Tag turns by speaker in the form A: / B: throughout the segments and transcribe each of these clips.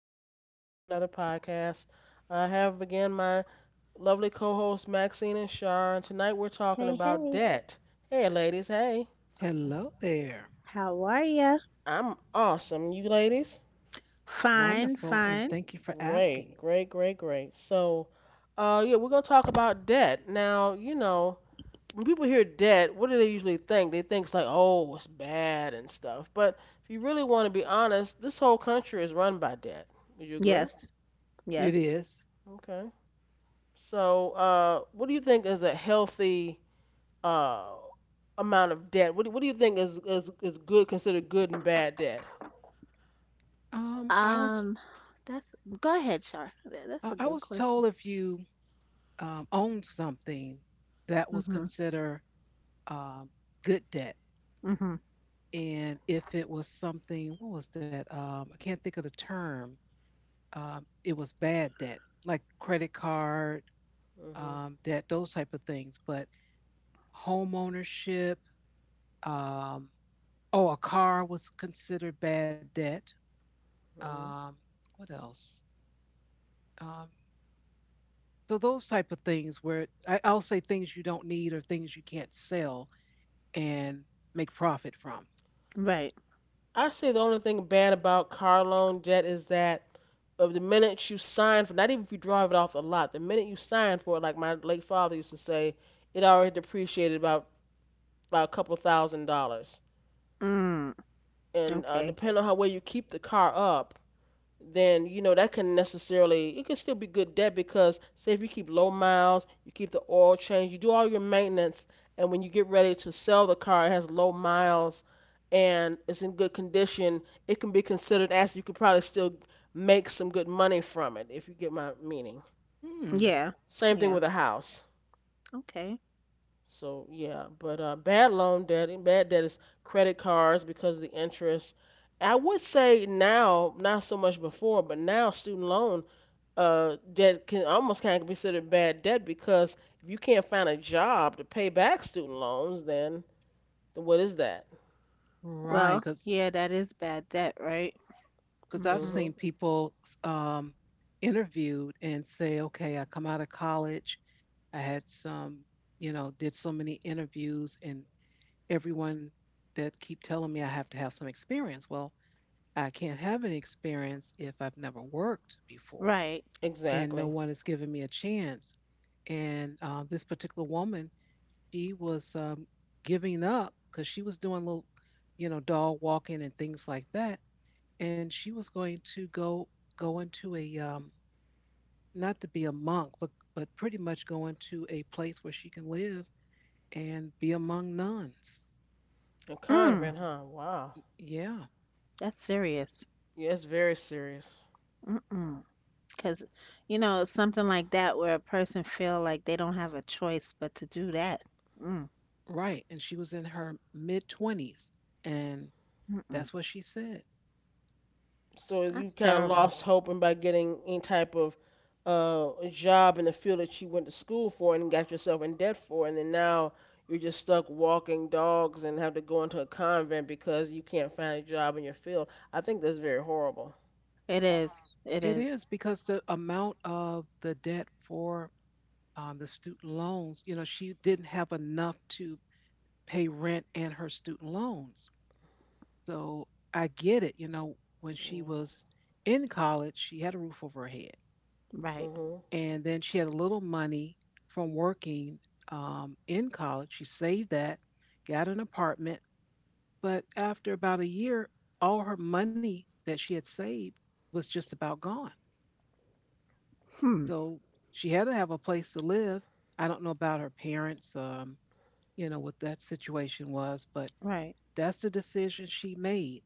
A: back again with another podcast. I have again my lovely co hosts Maxine and Shar, and tonight we're talking
B: Hey,
A: about
B: hey,
A: debt. Hey, ladies, hey.
C: Hello there.
B: how are ya?
A: I'm awesome. You ladies?
B: Fine,
C: Wonderful, and
B: fine.
C: thank you for asking.
A: Great, great, great, great. So, yeah, we're going to talk about debt. Now, when people hear debt, what do they usually think? They think it's like, oh, it's bad and stuff. But if you really want to be honest, this whole country is run by debt. Would you agree?
B: Yes,
C: It
B: yes.
C: is.
A: Okay. So, what do you think is a healthy uh, amount of debt? What do you think is good, considered good and bad debt?
C: Um, I was
B: Um, that's Go ahead, Char. That's a
C: I
B: good
C: was
B: question.
C: told if you owned something that was
B: Mm-hmm.
C: considered um, good debt,
B: Mm-hmm.
C: and if it was something, what was that? I can't think of the term. It was bad debt, like credit card
A: Hmm.
C: debt, those type of things. But home ownership, um, oh, a car was considered bad debt.
A: Hmm.
C: Um, what else? Um, so those type of things where I'll say things you don't need or things you can't sell and make profit from.
B: Right.
A: I say the only thing bad about car loan debt is that of the minute you sign for, not even if you drive it off the lot, the minute you sign for it, like my late father used to say, it already depreciated about by a couple thousand dollars.
B: Mm,
A: And
B: okay.
A: depending on how well you keep the car up, then that can necessarily it can still be good debt because say if you keep low miles, you keep the oil change, you do all your maintenance, and when you get ready to sell the car, it has low miles and it's in good condition, it can be considered as you could probably still make some good money from it if you get my meaning.
C: Hmm.
B: Yeah,
A: Same thing
B: yeah.
A: with a house.
B: Okay.
A: So yeah, but bad loan debt and bad debt is credit cards because of the interest. I would say now, not so much before, but now student loan, that can almost kind of considered bad debt because if you can't find a job to pay back student loans, then what is that?
B: Well,
C: Right, because
B: yeah, that is bad debt, right?
C: because I've
B: Mm-hmm.
A: Hmm.
C: seen people um, interviewed and say, okay, I come out of college, I had some, you know, did so many interviews, and everyone that keep telling me I have to have some experience. Well, I can't have any experience if I've never worked before,
B: Right.
C: and no
A: Exactly.
C: one has given me a chance. And This particular woman, she was giving up because she was doing little, you know, dog walking and things like that and she was going to go into a not to be a monk, but pretty much go into a place where she can live and be among nuns.
A: A
B: Mm,
A: convent, huh? Wow.
C: Yeah,
B: that's serious.
A: Yeah, it's very serious.
B: Mm-mm. 'Cause, something like that where a person feel like they don't have a choice but to do that. Mm,
C: right. And she was in her mid twenties, and
B: mm-mm.
C: that's what she said.
A: So you
B: That's
A: kind of
B: terrible.
A: lost, wow, hope in by getting any type of job in the field that you went to school for and got yourself in debt for, and then now you're just stuck walking dogs and have to go into a convent because you can't find a job in your field. I think that's very horrible.
B: It is. It
C: It
B: is.
C: is because the amount of the debt for the student loans, you know, she didn't have enough to pay rent and her student loans. So I get it. You know, when she
A: Yeah.
C: was in college, she had a roof over her head.
B: Right.
A: Hmm.
C: And then she had a little money from working in college. She saved that, got an apartment, but after about a year, all her money that she had saved was just about gone.
B: Hmm.
C: So she had to have a place to live. I don't know about her parents, you know, what that situation was, but
B: Right.
C: that's the decision she made.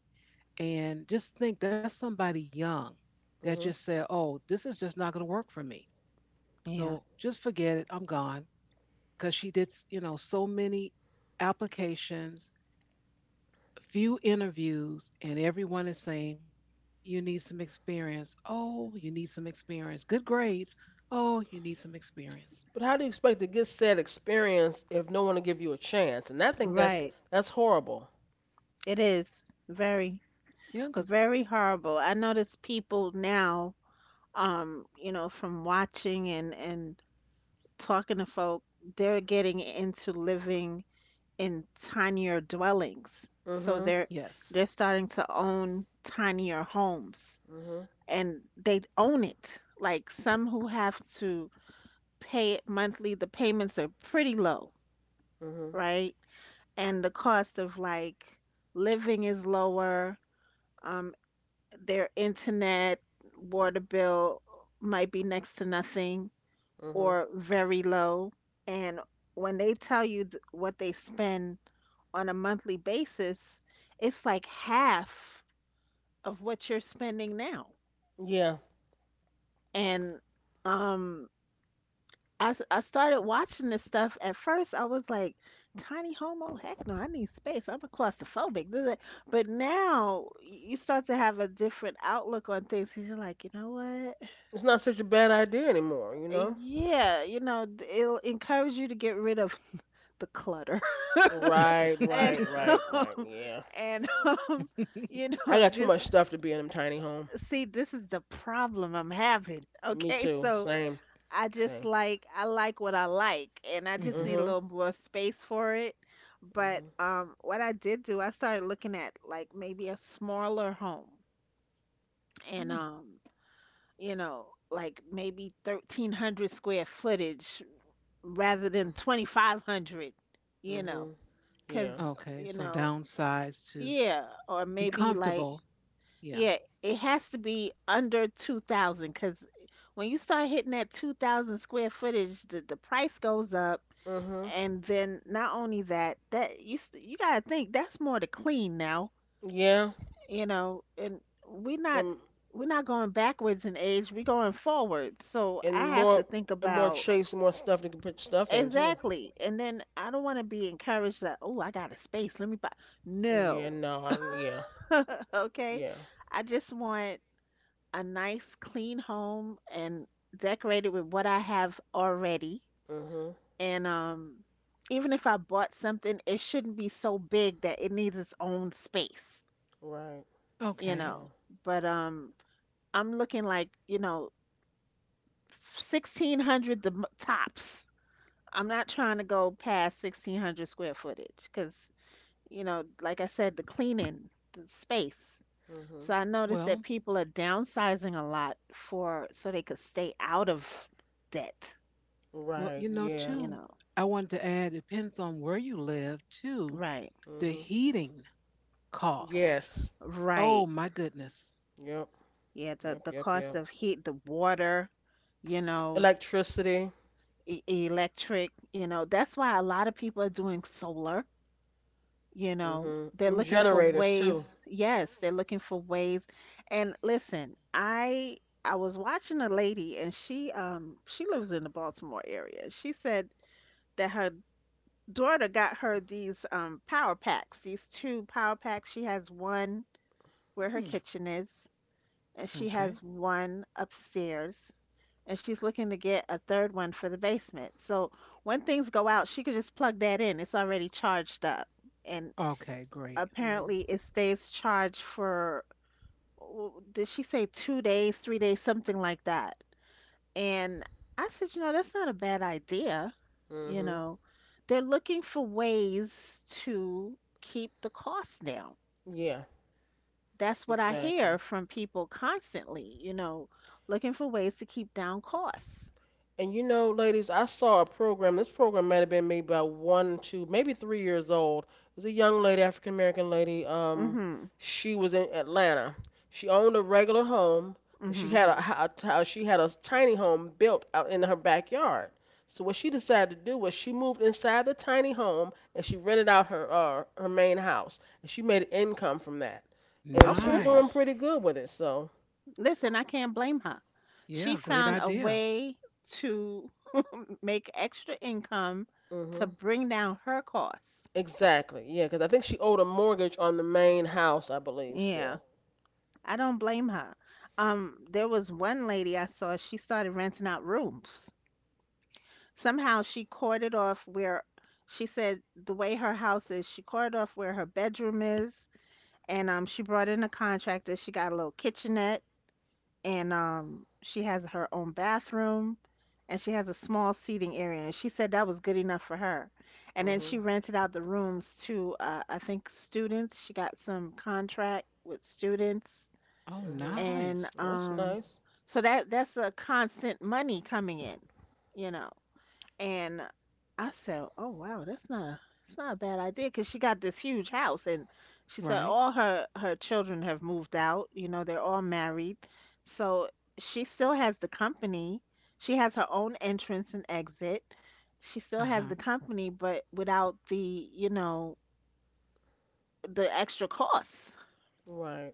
C: And just think that's somebody young that just
A: Hmm.
C: said, oh, this is just not going to work for me.
B: Yeah.
C: So just forget it. I'm gone. Because she did, you know, so many applications, few interviews, and everyone is saying, you need some experience. Oh, you need some experience. Good grades. Oh, you need some experience.
A: But how do you expect to get said experience if no one will give you a chance? And I think that's
B: Right.
A: that's horrible.
B: It is very,
C: Yeah, because,
B: very horrible. I notice people now, from watching and talking to folk, they're getting into living in tinier dwellings. So
A: Mhm.
B: they're
C: yes.
B: they're starting to own tinier homes
A: Mhm.
B: and they own it. Like some who have to pay it monthly, the payments are pretty low,
A: Mhm.
B: right? And the cost of like living is lower. Um, their internet, water bill might be next to nothing
A: Mhm.
B: or very low. And when they tell you what they spend on a monthly basis, it's like half of what you're spending now.
A: Yeah,
B: And um, I started watching this stuff. At first, I was like, "tiny homo, heck no, I need space. I'm a claustrophobic. This that." But now you start to have a different outlook on things, 'cause you're like, you know what?
A: it's not such a bad idea anymore, you know.
B: Yeah, you know, it'll encourage you to get rid of the clutter.
A: Right.
B: and
A: Right. Right. Right.
B: um,
A: Yeah.
B: and um,
A: I got too
B: just
A: much stuff to be in a tiny home.
B: see, this is the problem I'm having.
A: Me
B: Okay,
A: too.
B: so
A: Same.
B: I just
A: Same.
B: like I like what I like, and I just
C: Hmm.
B: need a
A: Mhm.
B: little more space for it. But
A: Mhm.
B: what I did do, I started looking at like maybe a smaller home, and like maybe 1300 square footage rather than 2500, you know,
A: Mhm. Yeah.
B: cuz
C: Okay,
B: you
C: so
B: know,
C: downsize to
B: yeah, or
C: be
B: maybe like
C: comfortable. Yeah.
B: yeah, it has to be under 2000 cuz when you start hitting that 2000 square footage, the price goes up.
A: Mhm.
B: And then not only that you gotta think that's more to clean now,
A: Yeah.
B: and we're not
A: And
B: we're not going backwards in age, we're going forward, so
A: and
B: I have to
A: more
B: think
A: and more
B: about.
A: chase, more stuff to put stuff in too.
B: Exactly. And then I don't want to be encouraged that, oh, I got a space, let me buy.
A: Yeah.
B: No.
A: No. I don't. Yeah.
B: Okay,
A: Yeah.
B: I just want a nice clean home and decorated with what I have already.
A: Mhm.
B: And even if I bought something, it shouldn't be so big that it needs its own space,
A: Right.
B: you
C: Okay.
A: Yeah.
B: know. But I'm looking like, you know, 1600 the tops. I'm not trying to go past 1600 square footage because, like I said, the cleaning, the space.
A: Mhm.
B: So I noticed
C: Well,
B: that people are downsizing a lot for so they could stay out of debt,
C: well,
A: Right.
C: you know,
A: Yeah.
B: you
C: too,
B: know.
C: I wanted to add, it depends on where you live, too,
B: Right.
C: the
A: Mhm.
C: heating costs.
A: Yes.
C: Oh,
B: Right.
C: my goodness.
A: Yep.
B: Yeah, the
A: Yep.
B: the
A: Yep.
B: cost
A: Yep.
B: of heat, the water, you know,
A: Electricity.
B: e electric. That's why a lot of people are doing solar, you know.
A: Mhm.
B: They're
A: And
B: looking for
A: generators
B: ways.
A: too.
B: Yes, they're looking for ways. And listen, I was watching a lady, and she lives in the Baltimore area. She said that her daughter got her these power packs, these two power packs. She has one where her
C: Mm.
B: kitchen is, and she
C: Okay.
B: has one upstairs, and she's looking to get a third one for the basement. So when things go out, she could just plug that in. It's already charged up. And
C: Okay, great.
A: Mhm.
B: apparently it stays charged for, did she say 2 days, 3 days, something like that? And I said, you know, that's not a bad idea. You
A: Mhm.
B: know, they're looking for ways to keep the cost down.
A: Yeah.
B: That's what I
A: Exactly.
B: hear from people constantly, looking for ways to keep down costs.
A: And ladies, I saw a program. This program might have been maybe about one, 2, maybe 3 years old. It was a young lady, African American lady.
B: Mhm.
A: She was in Atlanta. She owned a regular home, but she
B: Mhm.
A: had a, ho- a t- she had a tiny home built out in her backyard. So what she decided to do was she moved inside the tiny home and she rented out her main house, and she made income from that. And she was
B: Okay.
A: like doing
C: Nice.
A: pretty good with it. So,
B: Listen, I can't blame her.
C: Yeah,
B: She
C: great
B: found a
C: idea.
B: way to make extra income to
A: mhm.
B: bring down her costs.
A: Exactly. Yeah, because I think she owed a mortgage on the main house, I believe,
B: Yeah.
A: still.
B: I don't blame her. There was one lady I saw, she started renting out rooms. Somehow she corded off where, she said, the way her house is, she corded off where her bedroom is, and she brought in a contractor. She got a little kitchenette, and she has her own bathroom, and she has a small seating area. And she said that was good enough for her. And then she
A: Mhm.
B: rented out the rooms to, I think, students. She got some contract with students,
C: Oh,
A: Mhm.
C: nice.
B: and
A: Well, that's nice.
B: so that's a constant money coming in, you know. And I said, "Oh wow, that's not a bad idea because she got this huge house." And she said
C: Right.
B: all her children have moved out. You know, they're all married, so she still has the company. She has her own entrance and exit. She still has
C: Uh-huh.
B: the company, but without the you know the extra costs.
A: Right.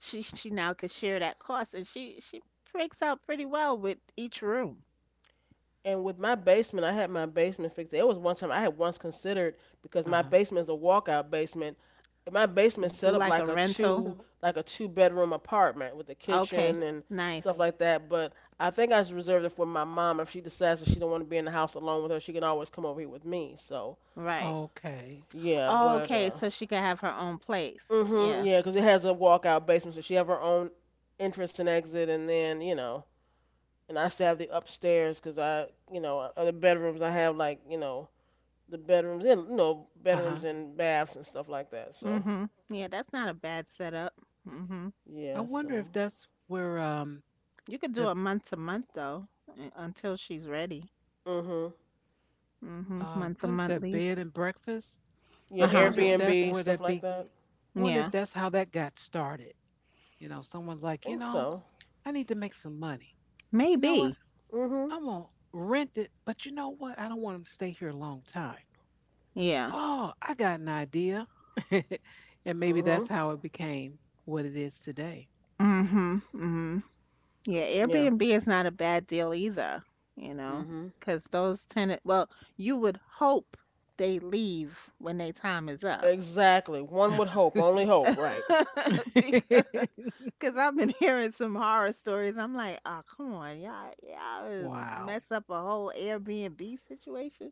B: She now could share that cost, and she breaks out pretty well with each room.
A: And with my basement, I had my basement fixed. There was one time I had once considered because my
C: Uh-huh.
A: basement is a walkout basement. And my basement set
B: Do
A: up
B: like a
A: like a
B: rental.
A: two like a two-bedroom apartment with a
B: Okay,
A: kitchen and stuff
B: nice.
A: like that. But I think I just reserved it for my mom. If she decides that she don't want to be in the house alone with her, she can always come over here with me. So
B: Right.
C: Okay.
A: yeah, but
B: Okay, so she could have her own place.
A: mhm.
B: Yeah.
A: Yeah, 'cause it has a walkout basement, so she have her own entrance and exit, and and I still have the upstairs 'cause other bedrooms I have, like, the bedrooms and,
C: Uh-huh.
A: bedrooms and baths and stuff like that. So
B: Mhm. Yeah, that's not a bad setup. Mhm.
C: I
A: yeah,
C: wonder
A: so
C: if that's where
B: You could do
C: the
B: a month to month though, until she's ready.
A: mhm.
B: Mhm. Month to
C: what is
B: month
C: that bed
B: lease.
C: and breakfast?
A: Yeah,
B: Uh
C: I
B: huh.
C: wonder if that's
A: Airbnb
C: where
A: stuff
C: that
A: like
C: be.
A: that.
C: I wonder
B: Yeah.
C: if that's how that got started. You know, someone's like, you
A: Think
C: know,
A: so.
C: I need to make some money. You know what?
B: Maybe.
A: Mhm.
C: I'm gonna rent it, but you know what? I don't want them to stay here a long time.
B: Yeah.
C: Oh, I got an idea. And maybe that's
A: Mhm.
C: how it became what it is today.
B: Mhm. Mhm. Yeah.
A: Yeah.
B: Airbnb is not a bad deal either. You know,
A: Mhm.
B: because those tenant. Well, you would hope they leave when their time is up.
A: Exactly. One would hope. Only hope. Right.
B: because Because I've been hearing some horror stories. I'm like, oh, come on, y'all, y'all
C: Wow.
B: mess up a whole Airbnb situation.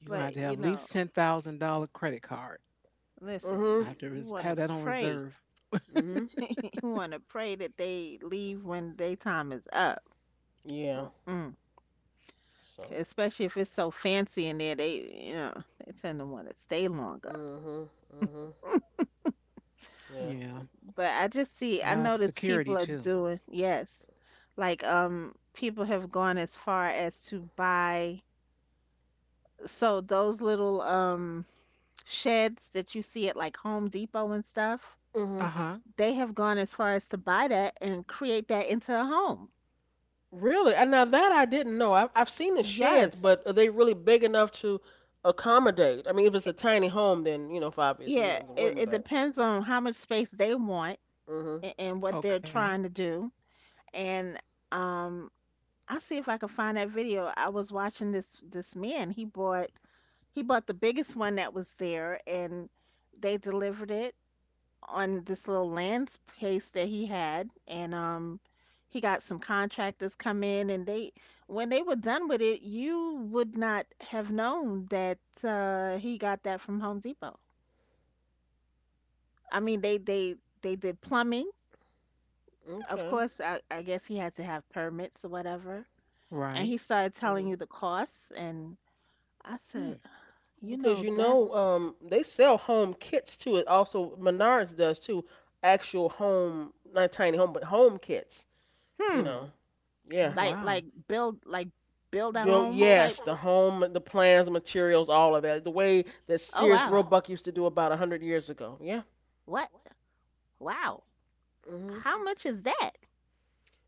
C: You're going
B: But,
C: to
B: you
C: have at
B: know,
C: least $10,000 credit card.
B: listen,
C: I
A: Mhm.
B: you,
C: have to
B: you want to
C: have that on
B: pray.
C: reserve.
A: Mhm.
B: You want to pray that they leave when their time is up.
A: Yeah.
B: Mm-mm. 'Cause
A: So.
B: especially if it's so fancy in there, they tend to want to stay longer.
A: Mhm. Mhm. Yeah.
C: Yeah.
B: But I just see,
C: And
B: I
C: have
B: notice
C: security
B: people are
C: too.
B: doing, yes, like, people have gone as far as to buy so those little sheds that you see at like Home Depot and stuff,
C: Uh
A: Mhm.
C: huh.
B: they have gone as far as to buy that and create that into a home.
A: Really? And now that I didn't know. I've seen the sheds,
B: Yes.
A: but are they really big enough to accommodate? I mean, if it's a tiny home, for obvious
B: Yeah,
A: reasons, it
B: it,
A: wouldn't.
B: it
A: But
B: depends on how much space they want,
A: mhm.
B: and what they're
C: Okay.
B: trying to do. And um, I'll see if I can find that video. I was watching this man. He bought the biggest one that was there, and they delivered it on this little land space that he had, and he got some contractors come in, and they when they were done with it, you would not have known that he got that from Home Depot. I mean they did plumbing. Of
A: Okay.
B: course, I guess he had to have permits or whatever. And
C: Right.
B: he started telling
A: Mhm.
B: you the costs. And I
C: Hmm.
B: said, "You
A: Because,
B: know that,
A: they sell home kits too. It also Menards does too. Actual home, not tiny home, but home kits. You
B: hmm
A: know.
C: Oh
A: Yeah.
B: like like
C: wow.
B: build like build a
A: Built.
B: home type.
A: Yes. The home, the plans, the materials, all of that. The way that
B: Oh
A: Sears
B: wow.
A: Roebuck used to do about 100 years ago. Yeah.
B: What? Wow. How much is that?"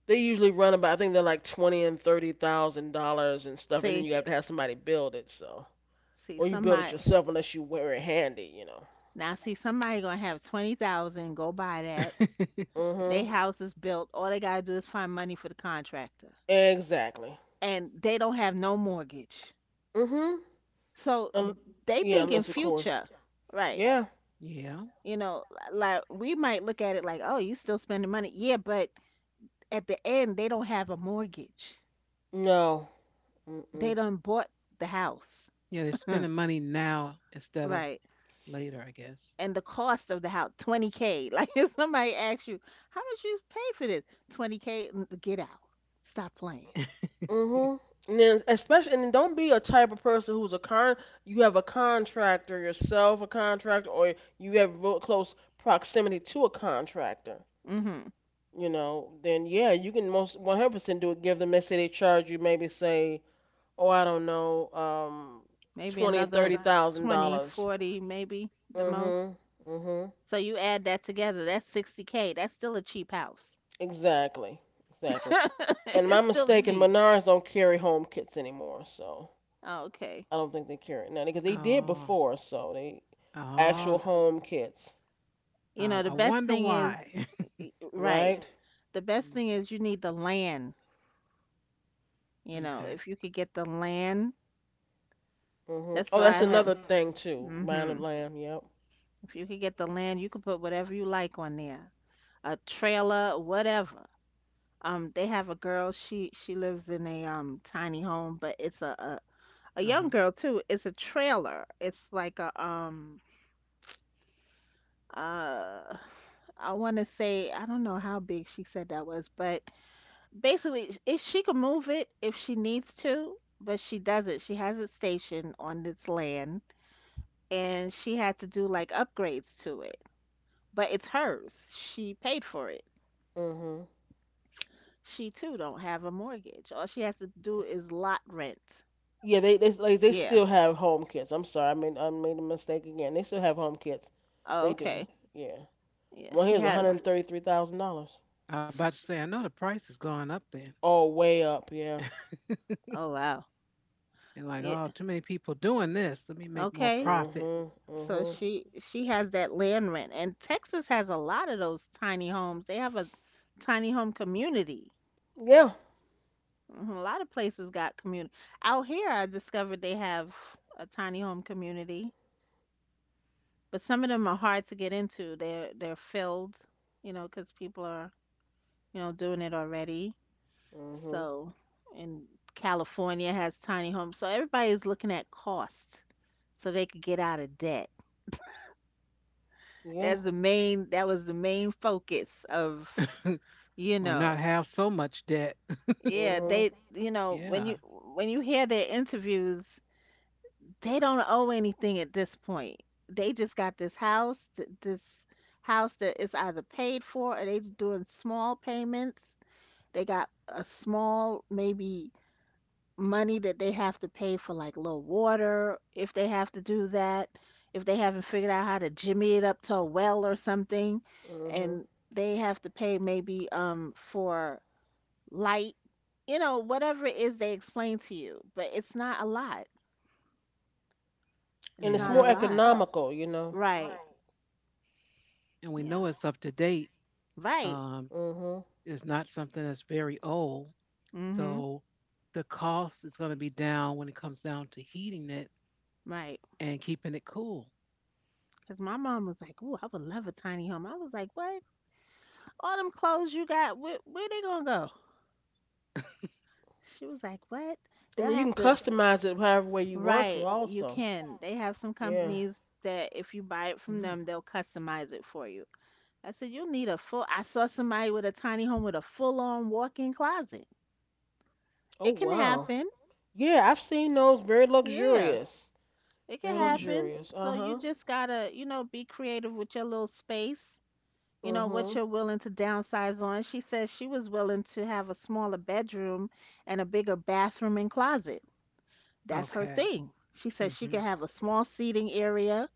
A: They usually run about, I think they're like twenty and thirty thousand dollars and stuff, and then
B: See,
A: you have to have somebody build it.
B: see
A: Or you build it
B: Somebody
A: yourself unless you wear it handy,
B: now. See, somebody gonna have 20,000. Go buy that. They
A: Mhm.
B: house is built. All they gotta do is find money for the contractor,
A: Exactly.
B: and they don't have no mortgage.
A: Mhm.
B: So
A: Um,
B: they
A: yeah,
B: think in
A: unless of course.
B: future, right?
A: Yeah.
C: Yeah.
B: You know, like we might look at it like, oh, you still spending money. Yeah, but at the end, they don't have a mortgage.
A: No.
B: They
A: Mhm.
B: done bought the house,
C: Yeah, they're spending money now instead of
B: right?
C: later, I guess.
B: And the cost of the house, 20K. Like, if somebody asks you how much you paid for this, 20K. Get out, stop playing.
A: Mhm. And then don't be a type of person who's a con. You have a contractor yourself, a contractor, or you have real close proximity to a contractor.
B: hmm
A: Then yeah, you can most 100% do it. Give them, let's say they charge you maybe say, oh, I don't know,
B: Maybe
A: 20,
B: another
A: thirty thousand
B: 20,
A: dollars.
B: 40, maybe the most.
A: Mhm, mhm.
B: So you add that together, that's 60K. That's still a cheap house.
A: Exactly, exactly. And am I
B: It's still a
C: Mm.
A: mistaken?
B: cheap.
A: Menards don't carry home kits anymore, so
B: Okay.
A: I don't think they carry it now because they did
C: Oh.
A: before. So they actual
C: Oh.
A: home kits,
B: You
C: I,
B: know the
C: I
B: best
C: wonder
B: thing is,
C: why.
B: right?
A: right?
B: The best
C: Mhm.
B: thing is you need the land. You know,
C: Okay.
B: if you could get the land,
A: Mhm.
B: that's
A: Oh,
B: why
A: that's
B: I have.
A: another thing too. Mind and
B: hmm
A: land. Yep.
B: if you could get the land, you could put whatever you like on there, a trailer, whatever. They have a girl. She lives in a tiny home, but it's a
C: Uh
B: young
C: huh.
B: girl too. It's a trailer. It's like a uh I want to say I don't know how big she said that was, but basically, if she can move it if she needs to, but she doesn't. She has it stationed on this land, and she had to do like upgrades to it. But it's hers. She paid for it.
A: Mhm.
B: She too don't have a mortgage. All she has to do is lot rent.
A: Yeah, they like they
B: Yeah.
A: still have home kits. I'm sorry, I made a mistake again. They still have home kits.
B: Oh,
A: They do.
B: okay.
A: Yeah.
B: Yeah,
A: Well,
B: she
A: here's one
B: has
A: hundred thirty three thousand dollars.
C: I about
B: she
C: to say, I know the price has gone up then.
A: Oh, way up. Yeah.
B: oh wow.
C: And like,
B: Yeah.
C: oh, too many people doing this. Let me make more
B: Okay.
C: profit
A: Mhm.
B: So
A: Mhm.
B: she has that land rent, and Texas has a lot of those tiny homes. They have a tiny home community.
A: Yeah.
B: Mhm. A lot of places got community. Out here I discovered they have a tiny home community, but some of them are hard to get into. They're filled, 'cause people are, doing it already.
A: Mhm.
B: So, and California has tiny homes. So everybody's looking at costs so they could get out of debt.
A: Yeah.
B: That's the main, that was the main focus of, you
C: or not
B: know,
C: have so much debt.
B: yeah,
A: Mhm.
B: they, when you
C: Yeah.
B: when you hear their interviews, they don't owe anything at this point. They just got this house, this house that is either paid for or they doing small payments. They got a small, maybe money that they have to pay for like little water if they have to do that, if they haven't figured out how to jimmy it up to a well or something,
A: Mhm.
B: and they have to pay maybe for light, whatever it is they explain to you, but it's not a lot.
A: And
B: It's
A: it's
C: Yeah.
B: not
A: more
B: a
C: That,
B: lot.
A: economical,
B: Right.
C: and we know
B: Yeah.
C: it's up to date.
B: Right.
C: Um,
A: Mhm.
C: it's not something that's very old.
B: Mhm.
C: So the cost is going to be down when it comes down to heating it
B: Right.
C: and keeping it cool.
B: Cause my mom was like, "Ooh, I would love a tiny home." I was like, "What? All them clothes you got, where they gonna go?" She was like, "What?
A: And
B: They'll
A: then you
B: have
A: can
B: to
A: customize it however way you want to,
B: Right, you
A: also.
B: can. They have some
A: Yeah.
B: companies that if you buy it from them, they'll customize it for you. I said, you'll need a full. I saw somebody with a tiny home with a full-on walk-in closet.
A: Oh
B: It can
A: wow.
B: happen.
A: Yeah, I've seen those. Very
B: Yeah,
A: luxurious.
B: it can
A: Very
C: Mm-hmm.
B: happen.
A: luxurious. Uh
B: So you
A: huh.
B: just gotta, you know, be creative with your little space. You know, what
A: Mhm.
B: you're willing to downsize on. She said she was willing to have a smaller bedroom and a bigger bathroom and closet. That's her
C: Okay.
B: thing. She said she
C: Mm-hmm.
B: could have a small seating area.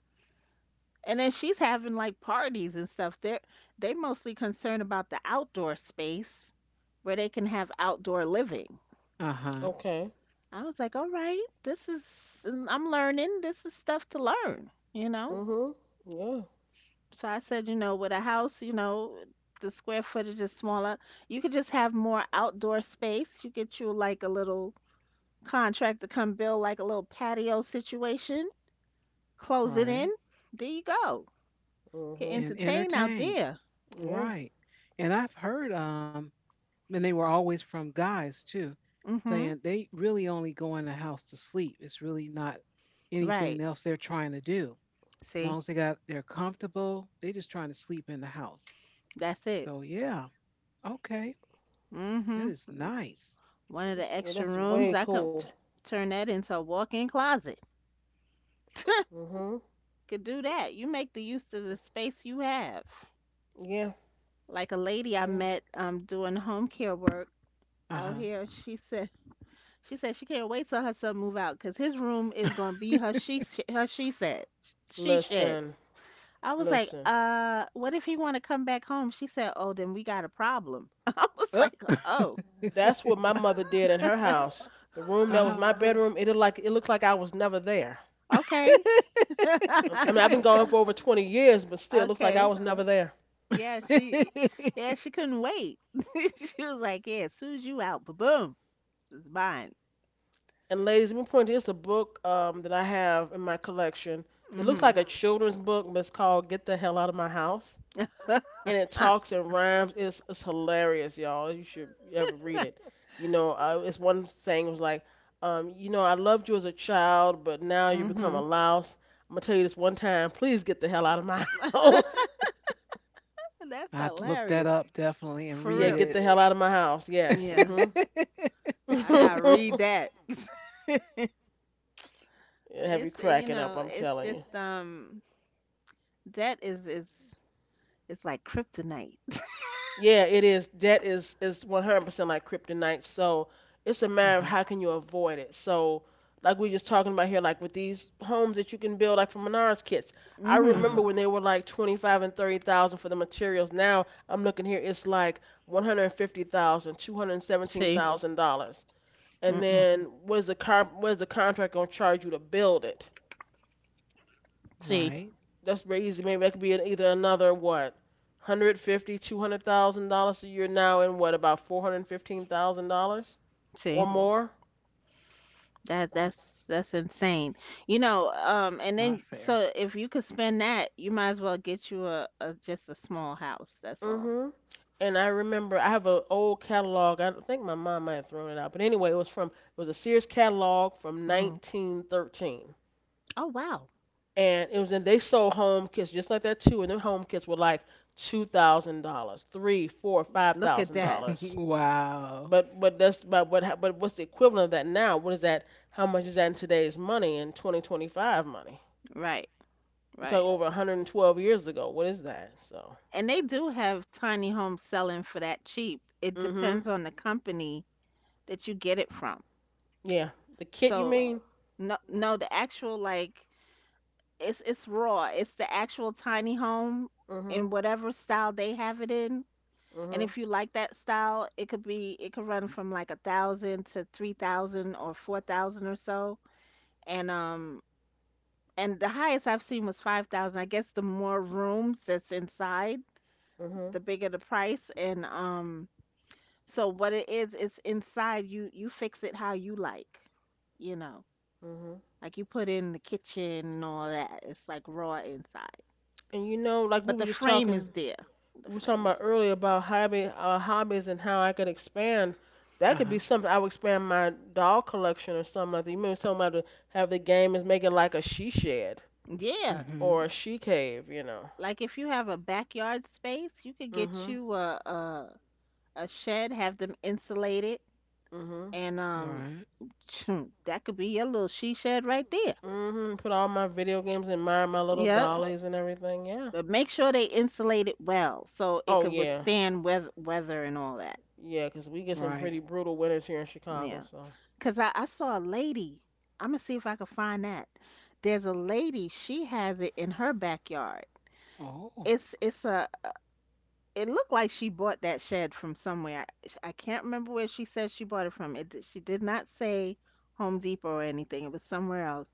B: And then she's having like parties and stuff. They mostly concerned about the outdoor space where they can have outdoor living.
C: Uh huh.
A: Okay.
B: I was like, all right, this is I'm learning. This is stuff to learn, you know.
A: Mhm. Yeah.
B: So I said, you know, with a house, you know, the square footage is smaller. You could just have more outdoor space. You get you like a little contract to come build like a little patio situation. Close it in.
C: Right.
B: There you go. Get
A: Mhm.
C: And
B: entertained out
C: entertain.
B: there.
A: Yeah.
C: Right. And I've heard and they were always from guys too,
B: Mhm.
C: saying they really only go in the house to sleep. It's really not anything
B: Right.
C: else they're trying to do. As long
B: See.
C: as they got they're comfortable, they just trying to sleep in the house.
B: That's it.
C: So yeah. Okay. That
B: Hmm.
C: is nice.
B: One of the
A: Yeah.
B: extra
A: That's
B: rooms,
A: way
B: I could
A: cool.
B: turn that into a walk-in closet.
A: Mhm.
B: Could do that. You make the use of the space you have.
A: Yeah.
B: Like a lady I
A: Yeah.
B: met doing home care work
C: Uh-huh.
B: out here, she said she can't wait till her son move out because his room is gonna be her she sh- her she said she shed.
A: Listen.
B: I was like,
A: Listen.
B: what if he want to come back home? She said, oh, then we got a problem. I
C: Uh,
B: was like, oh,
A: That's what my mother did in her house. The room that was
C: uh-huh.
A: my bedroom, it looked like I was never there.
B: okay.
A: I mean, I've been gone for over 20 years, but still, it looks like I
B: Okay.
A: was never there.
B: Yeah, she
C: I
B: yeah, she couldn't wait. She was like, "Yeah, as soon as you out, ba-boom. This is mine."
A: And ladies, let me point to it's a book, that I have in my collection. It looks
B: Mm-hmm.
A: like a children's book, but it's called "Get the Hell Out of My House." And it talks and rhymes. It's hilarious, y'all. You should ever read it. You know, it's one saying was like, I loved you as a child, but now you become a
B: Mm-hmm.
A: louse. I'm gonna tell you this one time. Please get the hell out of my house.
B: That's
C: have to look that
B: hilarious.
C: up definitely and
B: For
A: Yeah,
C: read
B: real.
A: get
C: it.
A: the hell out of my house. Yes.
B: Yeah.
A: Mhm.
B: I gotta read
A: It
B: that.
A: have you
B: It's you
A: cracking up?
B: know,
A: I'm
B: it's
A: telling you.
B: just debt is it's like kryptonite.
A: Yeah, it is. Debt is 100% like kryptonite. So it's a matter of
C: Uh-huh.
A: how can you avoid it. So like we just talking about here, like with these homes that you can build, like from Menards kits. I
B: Hmm.
A: remember
C: Uh-huh.
A: when they were like 25 and 30,000 for the materials. Now I'm looking here, it's like 150,000, two hundred seventeen
B: See.
A: thousand dollars. And
B: Mm-mm.
A: then what is the car? What is the contract gonna charge you to build it?
B: See.
C: Right.
A: That's very easy. Maybe that could be an, either another what, 150, thousand, $200,000 a year now, and what about $415,000
B: See.
A: or more?
B: That's insane. You know, and then
C: Not fair.
B: so if you could spend that, you might as well get you a just a small house. That's all.
A: Mm-hmm. And I remember I have an old catalog. I think my mom might have thrown it out, but anyway, it was a Sears catalog from
B: Hmm.
A: 1913,
B: Oh wow,
A: and it was in they sold home kits just like that too, and their home kits were like $2,000, three, four, five
B: look at
A: thousand
B: that.
A: dollars.
C: Wow.
A: But what's the equivalent of that now? What is that? How much is that in today's money in 2025 money?
B: Right,
A: We talk
B: right.
A: over 112 years ago. What is that? So
B: And they do have tiny homes selling for that cheap. It
A: mhm
B: depends on the company that you get it from.
A: yeah, the kit you
B: So
A: mean?
B: no, no, the actual like it's raw. It's the actual tiny home in
A: Mhm.
B: whatever style they have it in. And
A: Mhm.
B: if you like that style, it could run from like 1,000 to 3,000 or 4,000 or so. And um and the highest I've seen was 5,000. I guess the more rooms that's inside,
A: Mhm.
B: the bigger the price. And so what it is, it's inside you fix it how you like, you know.
A: Mhm.
B: Like you put in the kitchen and all that. It's like raw inside.
A: And like we
B: But
A: were
B: the
A: just
B: frame is
A: talking,
B: there. The
A: we were talking
B: frame is
A: about earlier about hobby hobbies and how I could expand.
C: Uh
A: That could
C: huh.
A: be something I would expand my doll collection or something like that. You mean something about to have the game is make like a she shed
B: Yeah.
C: Mm-hmm.
A: or a she cave?
B: Like if you have a backyard space, you could get
A: Mhm.
B: you a shed, have them insulated,
A: Mhm.
B: and
C: Right.
B: that could be your little she shed right there.
A: Mhm. Put all my video games and my little
B: Yep.
A: dollies and everything. Yeah.
B: But make sure they insulate it well so it
A: Oh
B: could
A: yeah.
B: withstand weather and all that.
A: Yeah, 'cause we get some
C: Right.
A: pretty brutal winters here in Chicago.
B: Yeah.
A: So.
B: Cause I saw a lady. I'm gonna see if I can find that. There's a lady. She has it in her backyard.
C: Oh,
B: It's it's a it looked like she bought that shed from somewhere. I can't remember where she said she bought it from. She did not say Home Depot or anything. It was somewhere else.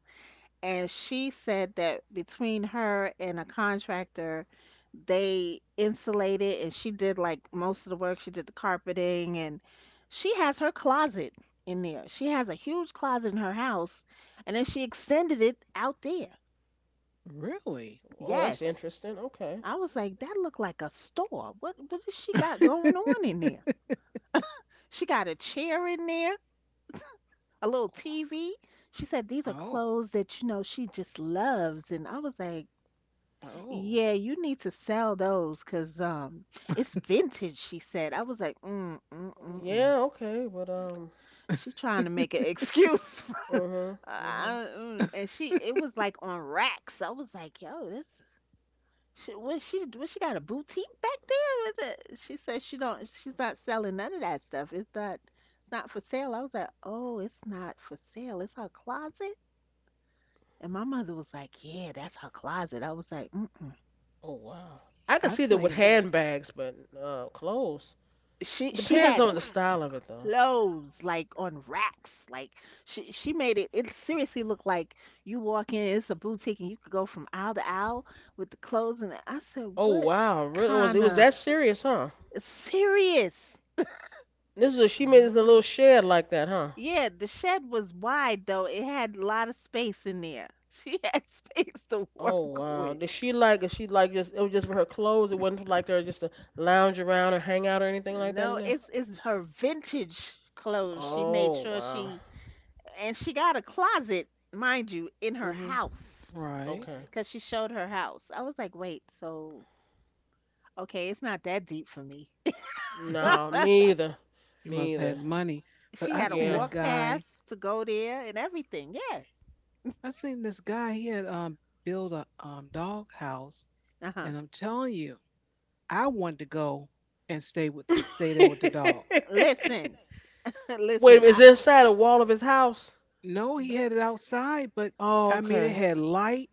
B: And she said that between her and a contractor, they insulated and she did like most of the work. She did the carpeting and she has her closet in there. She has a huge closet in her house and then she extended it out there.
C: really?
A: Oh, that's
B: Yes.
A: interesting. Okay.
B: I was like, that looked like a store. What has she got going on in there? She got a chair in there, a little TV. She said, "These are
C: Oh.
B: clothes that, you know, she just loves." And I was like,
C: Oh.
B: "Yeah, you need to sell those because it's vintage," she said. I was like, "Mm, mm, mm, mm."
A: Yeah. Okay. But.
B: She trying to make an excuse.
A: Mhm. Mhm.
B: And she, it was like on racks. I was like, "Yo, this what she got a boutique back there? Is it?" She said she don't. She's not selling none of that stuff. It's not. It's not for sale. I was like, oh, it's not for sale. It's her closet. And my mother was like, yeah, that's her closet. I was like, mm-mm.
A: Oh wow. I can
C: I
A: see that with
C: seen.
A: handbags, but clothes.
B: She
A: It
B: she
A: depends
B: had
A: on the style of it though.
B: clothes like on racks. Like she made it. It seriously looked like you walk in. It's a boutique, and you could go from aisle to aisle with the clothes. And I said,
A: Oh
B: what
A: wow. Really? It was it
B: kind
A: was
B: of
A: that serious, huh?
B: serious?
A: She made this in a
C: Ah,
A: little shed like that, huh?
B: Yeah, the shed was wide though. It had a lot of space in there. She had space to
A: Oh
B: work
A: wow.
B: with.
A: Did she like is she like just it was just for her clothes? It wasn't for like there just to lounge around or hang out or anything like that in
B: No,
A: there?
B: it's her vintage clothes. She made
A: Oh
B: sure
A: wow.
B: she and she got a closet, mind you, in her
A: Mhm.
B: house
C: right.
A: Okay.
B: because she showed her house. I was like, wait, so okay, it's not that deep for me.
C: You
A: No, me either.
C: must
A: Me
C: had
A: either.
C: money. But
B: She
C: I
B: had a
C: seen a
A: Yeah.
B: walk path
C: guy.
B: to go there and everything. Yeah.
C: I seen this guy. He had built a dog house,
B: Uh huh.
C: and I'm telling you, I wanted to go and stay there with the dog.
B: Listen,
A: Wait,
B: listen.
A: is it inside a wall of his house?
C: No, he had it outside, but
A: Oh,
C: I mean, it
A: okay.
C: had light,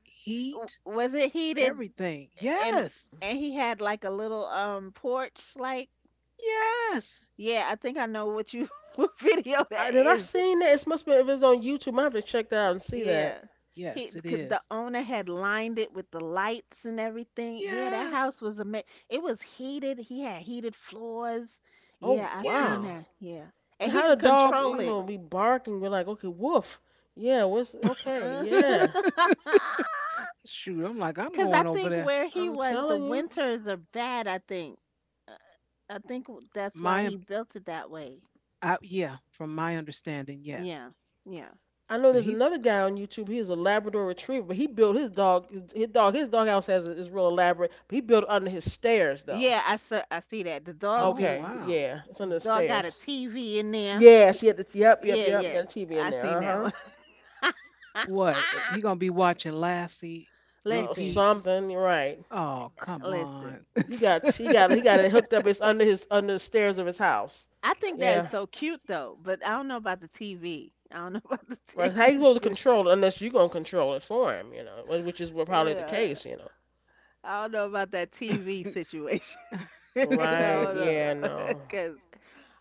C: heat,
B: Was it heated
C: everything.
B: and
C: Yes,
B: and he had like a little porch like?
C: yes,
B: Yeah, I think I know what you what video
A: I,
B: that
A: have I
B: is.
A: seen that? It must be if it's on YouTube. I have to check that out and see that.
B: Yeah,
C: yes,
B: he
C: it
B: 'cause the
C: is.
B: owner had lined it with the lights and everything. Yeah, that house
C: Yes,
B: was amazing. It was heated, he had heated floors.
A: Oh
B: Yeah, I seen
C: yes.
A: wow.
B: that. Yeah, and
A: And
B: he
A: how the
B: could
A: dog,
B: control it.
A: be barking? We're like, okay, woof. Yeah. What's okay?
B: Uh,
A: Yeah.
C: Shoot, I'm like, I'm
B: cause I
C: going over
B: think
C: there.
B: where he
A: I'm
B: was the
A: telling you.
B: winters are bad, I think. Uh, I think that's why
C: My,
B: he built it that way.
C: yeah, from my understanding, yes.
B: Yeah, yeah,
A: I know
C: But
A: there's
C: he,
A: another guy on YouTube. He is a Labrador Retriever, but he built his dog. His doghouse has is real elaborate. But he built it under his stairs though.
B: yeah. I see that. The dog
C: oh
B: be
A: Okay,
C: wow,
A: yeah, it's under the
B: Dog got a
A: stairs.
B: TV in there.
A: Yeah, she had the yep, yep,
B: Yeah,
A: yep.
B: yeah.
A: Got a TV in
B: I
A: there.
B: seen
A: Uh
B: that
A: huh.
B: one.
C: what?
A: So
C: He gonna be watching Lassie
A: oh,
B: Listen,
C: repeats?
A: something. You're right.
C: Oh, come on.
B: listen.
A: He got it hooked up. It's under his under the stairs of his house.
B: I
A: I think
B: think that
A: yeah,
B: is
A: that's
B: so
A: so
B: cute
A: cute though.
B: though, but I don't know about the TV. I don't know about the
A: Right. How you supposed to
B: TV.
A: control it unless you gonna control it for him? Which is what probably the
B: Yeah,
A: case.
B: I don't know about that TV situation. I
A: Right.
B: don't know,
A: Yeah. No.
B: cause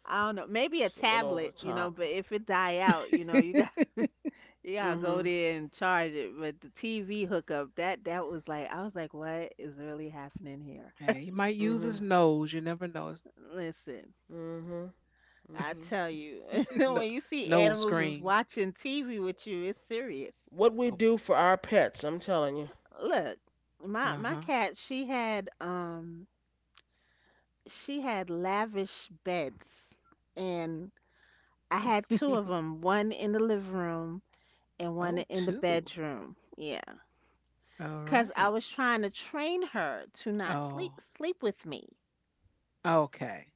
B: I don't know. Maybe a
A: It's a little over the
B: tablet, you know.
A: top.
B: But if it die out, you know, you
C: Hey,
B: Yeah, go
A: Mhm.
B: there and charge it. But the TV hookup, that was like I was like, what is really happening here?
C: he might use his
A: Mhm.
C: nose. You never know. His
B: Listen,
A: Mhm.
B: I
A: Mhm.
B: tell you,
C: no,
B: when you see
C: nose
B: animals is
C: screens.
B: watching TV with you, it's serious.
A: What we do for our pets, I'm telling you.
B: Look, my
C: Uh-huh.
B: cat, she had lavish beds and I had two of them, one in the living room and one
C: Oh,
B: in the
C: two.
B: bedroom. Yeah.
C: All
B: 'Cause I
C: right.
B: was trying to train her to not
C: Oh,
B: sleep with me.
C: okay.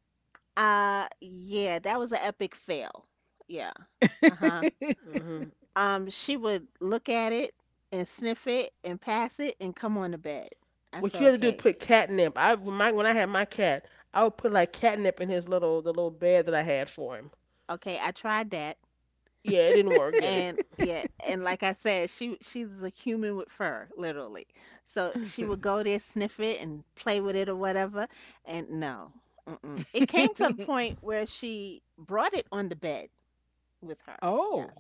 B: Yeah, that was an epic fail. Yeah. Uh-huh.
A: Mhm.
B: She would look at it and sniff it and pass it and come on to bed. I
A: What
B: said,
A: you have to do is
B: okay,
A: put catnip. I when my when I had my cat, I would put like catnip in his little bed that I had for him.
B: okay, I tried that.
A: Yeah, it didn't work, did it?
B: And yeah, and like I said, she's a human with fur, literally. So she would go there, sniff it, and play with it or whatever. And no, mm-mm. It came to the point where she brought it on the bed with her. Yeah.
C: Oh,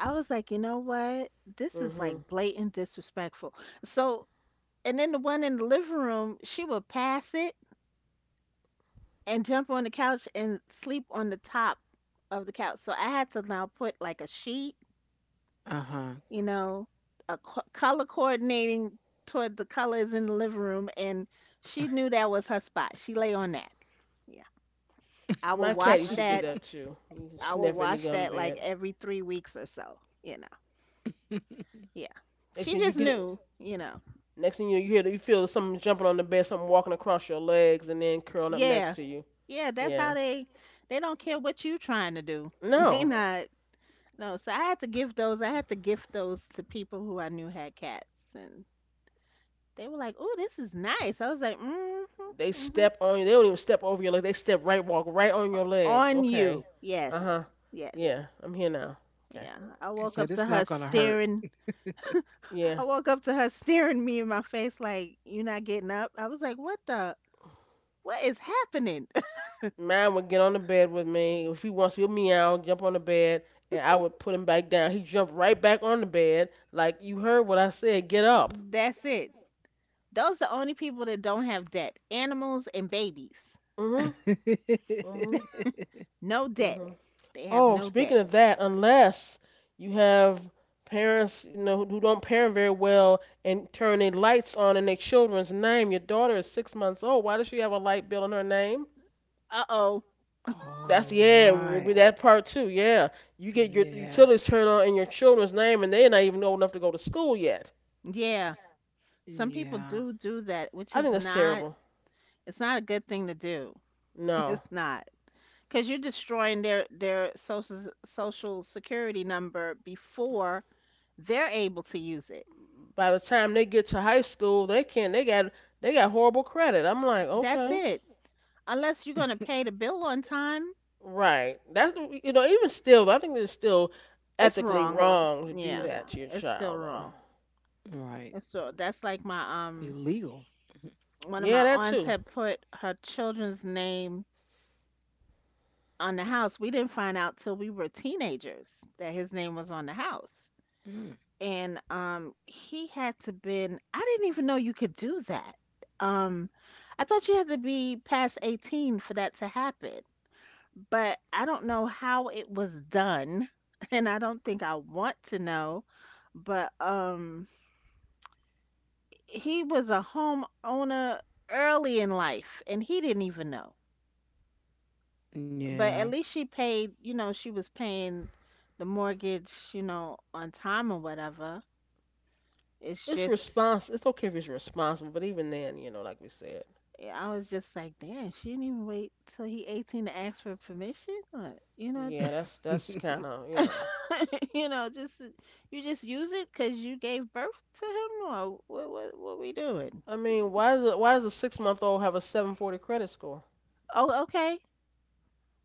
B: I was like, you know what? This is
A: Mhm.
B: like blatant disrespectful. So, and then the one in the living room, she would pass it and jump on the couch and sleep on the top of the couch. So I had to now put like a sheet,
C: uh-huh.
B: you know, a color coordinating toward the colors in the living room. And she knew that was her spot. She lay on that. Yeah. I would
A: My cat
B: wash
A: used to do
B: that.
A: that too. He used to
B: I would
A: sniff it and
B: wash
A: get on the
B: that like
A: bed.
B: every 3 weeks or so, you know. Yeah.
A: Next
B: She
A: thing you
B: just
A: get,
B: knew, you know.
A: next thing you hear you feel something jumping on the bed, something walking across your legs and then curling up next
B: Yeah.
A: to you.
B: Yeah, that's how
A: Yeah.
B: they don't care what you trying to do. They
A: No.
B: not. No, so I had to gift those to people who I knew had cats and they were like, "Oh, this is nice." I was like, "Mhm.
A: They
B: Mhm.
A: step on you. They don't even step over your legs. They step right, walk right on your legs.
B: On
A: Okay.
B: you."
A: Uh huh.
B: Yes. Yes.
A: Yeah, I'm here now. Okay.
B: Yeah. I
C: It
B: woke
C: said
B: up to
C: it's
B: her
C: not going to hurt.
B: staring.
A: Yeah.
B: I woke up to her staring me in my face like, "You are not getting up?" I was like, " What is happening?"
A: Mine would get on the bed with me. If he wants to, he'll meow, jump on the bed, and I would put him back down. He jumped right back on the bed, like you heard what I said. Get up.
B: That's it. Those the only people that don't have debt. Animals and babies.
A: Mhm. Mhm.
B: No debt.
A: Mhm.
B: They have
A: Oh,
B: no
A: speaking
B: debt.
A: of that, unless you have parents, you know, who don't parent very well and turn their lights on in their children's name. Your daughter is six months old. Why does she have a light bill in her name?
B: Uh-oh.
C: All
A: That's yeah,
C: right.
A: with that part too. Yeah, you get your
C: Yeah.
A: utilities turned on in your children's name, and they're not even old enough to go to school yet.
B: Yeah. Some people
C: Yeah.
B: do do that, which
A: I think
B: is
A: that's
B: not
A: terrible.
B: it's not a good thing to do.
A: No,
B: It's not because 'Cause you're destroying their social security number before they're able to use it.
A: by the time they get to high school, they can't. They got horrible credit. I'm like,
B: That's
A: okay.
B: it. Unless you're going to pay the bill on time,
A: Right. That's the- you know even still, I think it's still
B: it's
A: ethically
B: wrong.
A: wrong to do
B: Yeah.
A: that to your
B: It's still
A: child though.
B: wrong.
C: Right.
B: It's that's like my
C: Illegal.
B: one of my
A: Yeah, that
B: aunts
A: too.
B: had put her children's name on the house. We didn't find out till we were teenagers that his name was on the house.
C: Mm.
B: And he had to been I didn't even know you could do that. Um I thought you had to be past 18 for that to happen. But I don't know how it was done and I don't think I want to know, but he was a homeowner early in life and he didn't even know. But
C: Yeah.
B: at least she paid, you know, she was paying the mortgage, you know, on time or whatever. It's
A: It's
B: just,
A: respons. It's okay if it's responsible, but even then, you know, like we said,
B: I was just like, damn, she didn't even wait till he 18 to ask for permission. Or, you know,
A: yeah,
B: just,
A: that's kind of you know.
B: you know, just, you just use it because you gave birth to him or what we doing?
A: I mean, why does a six-month-old have a 740 credit score?
B: Oh, okay.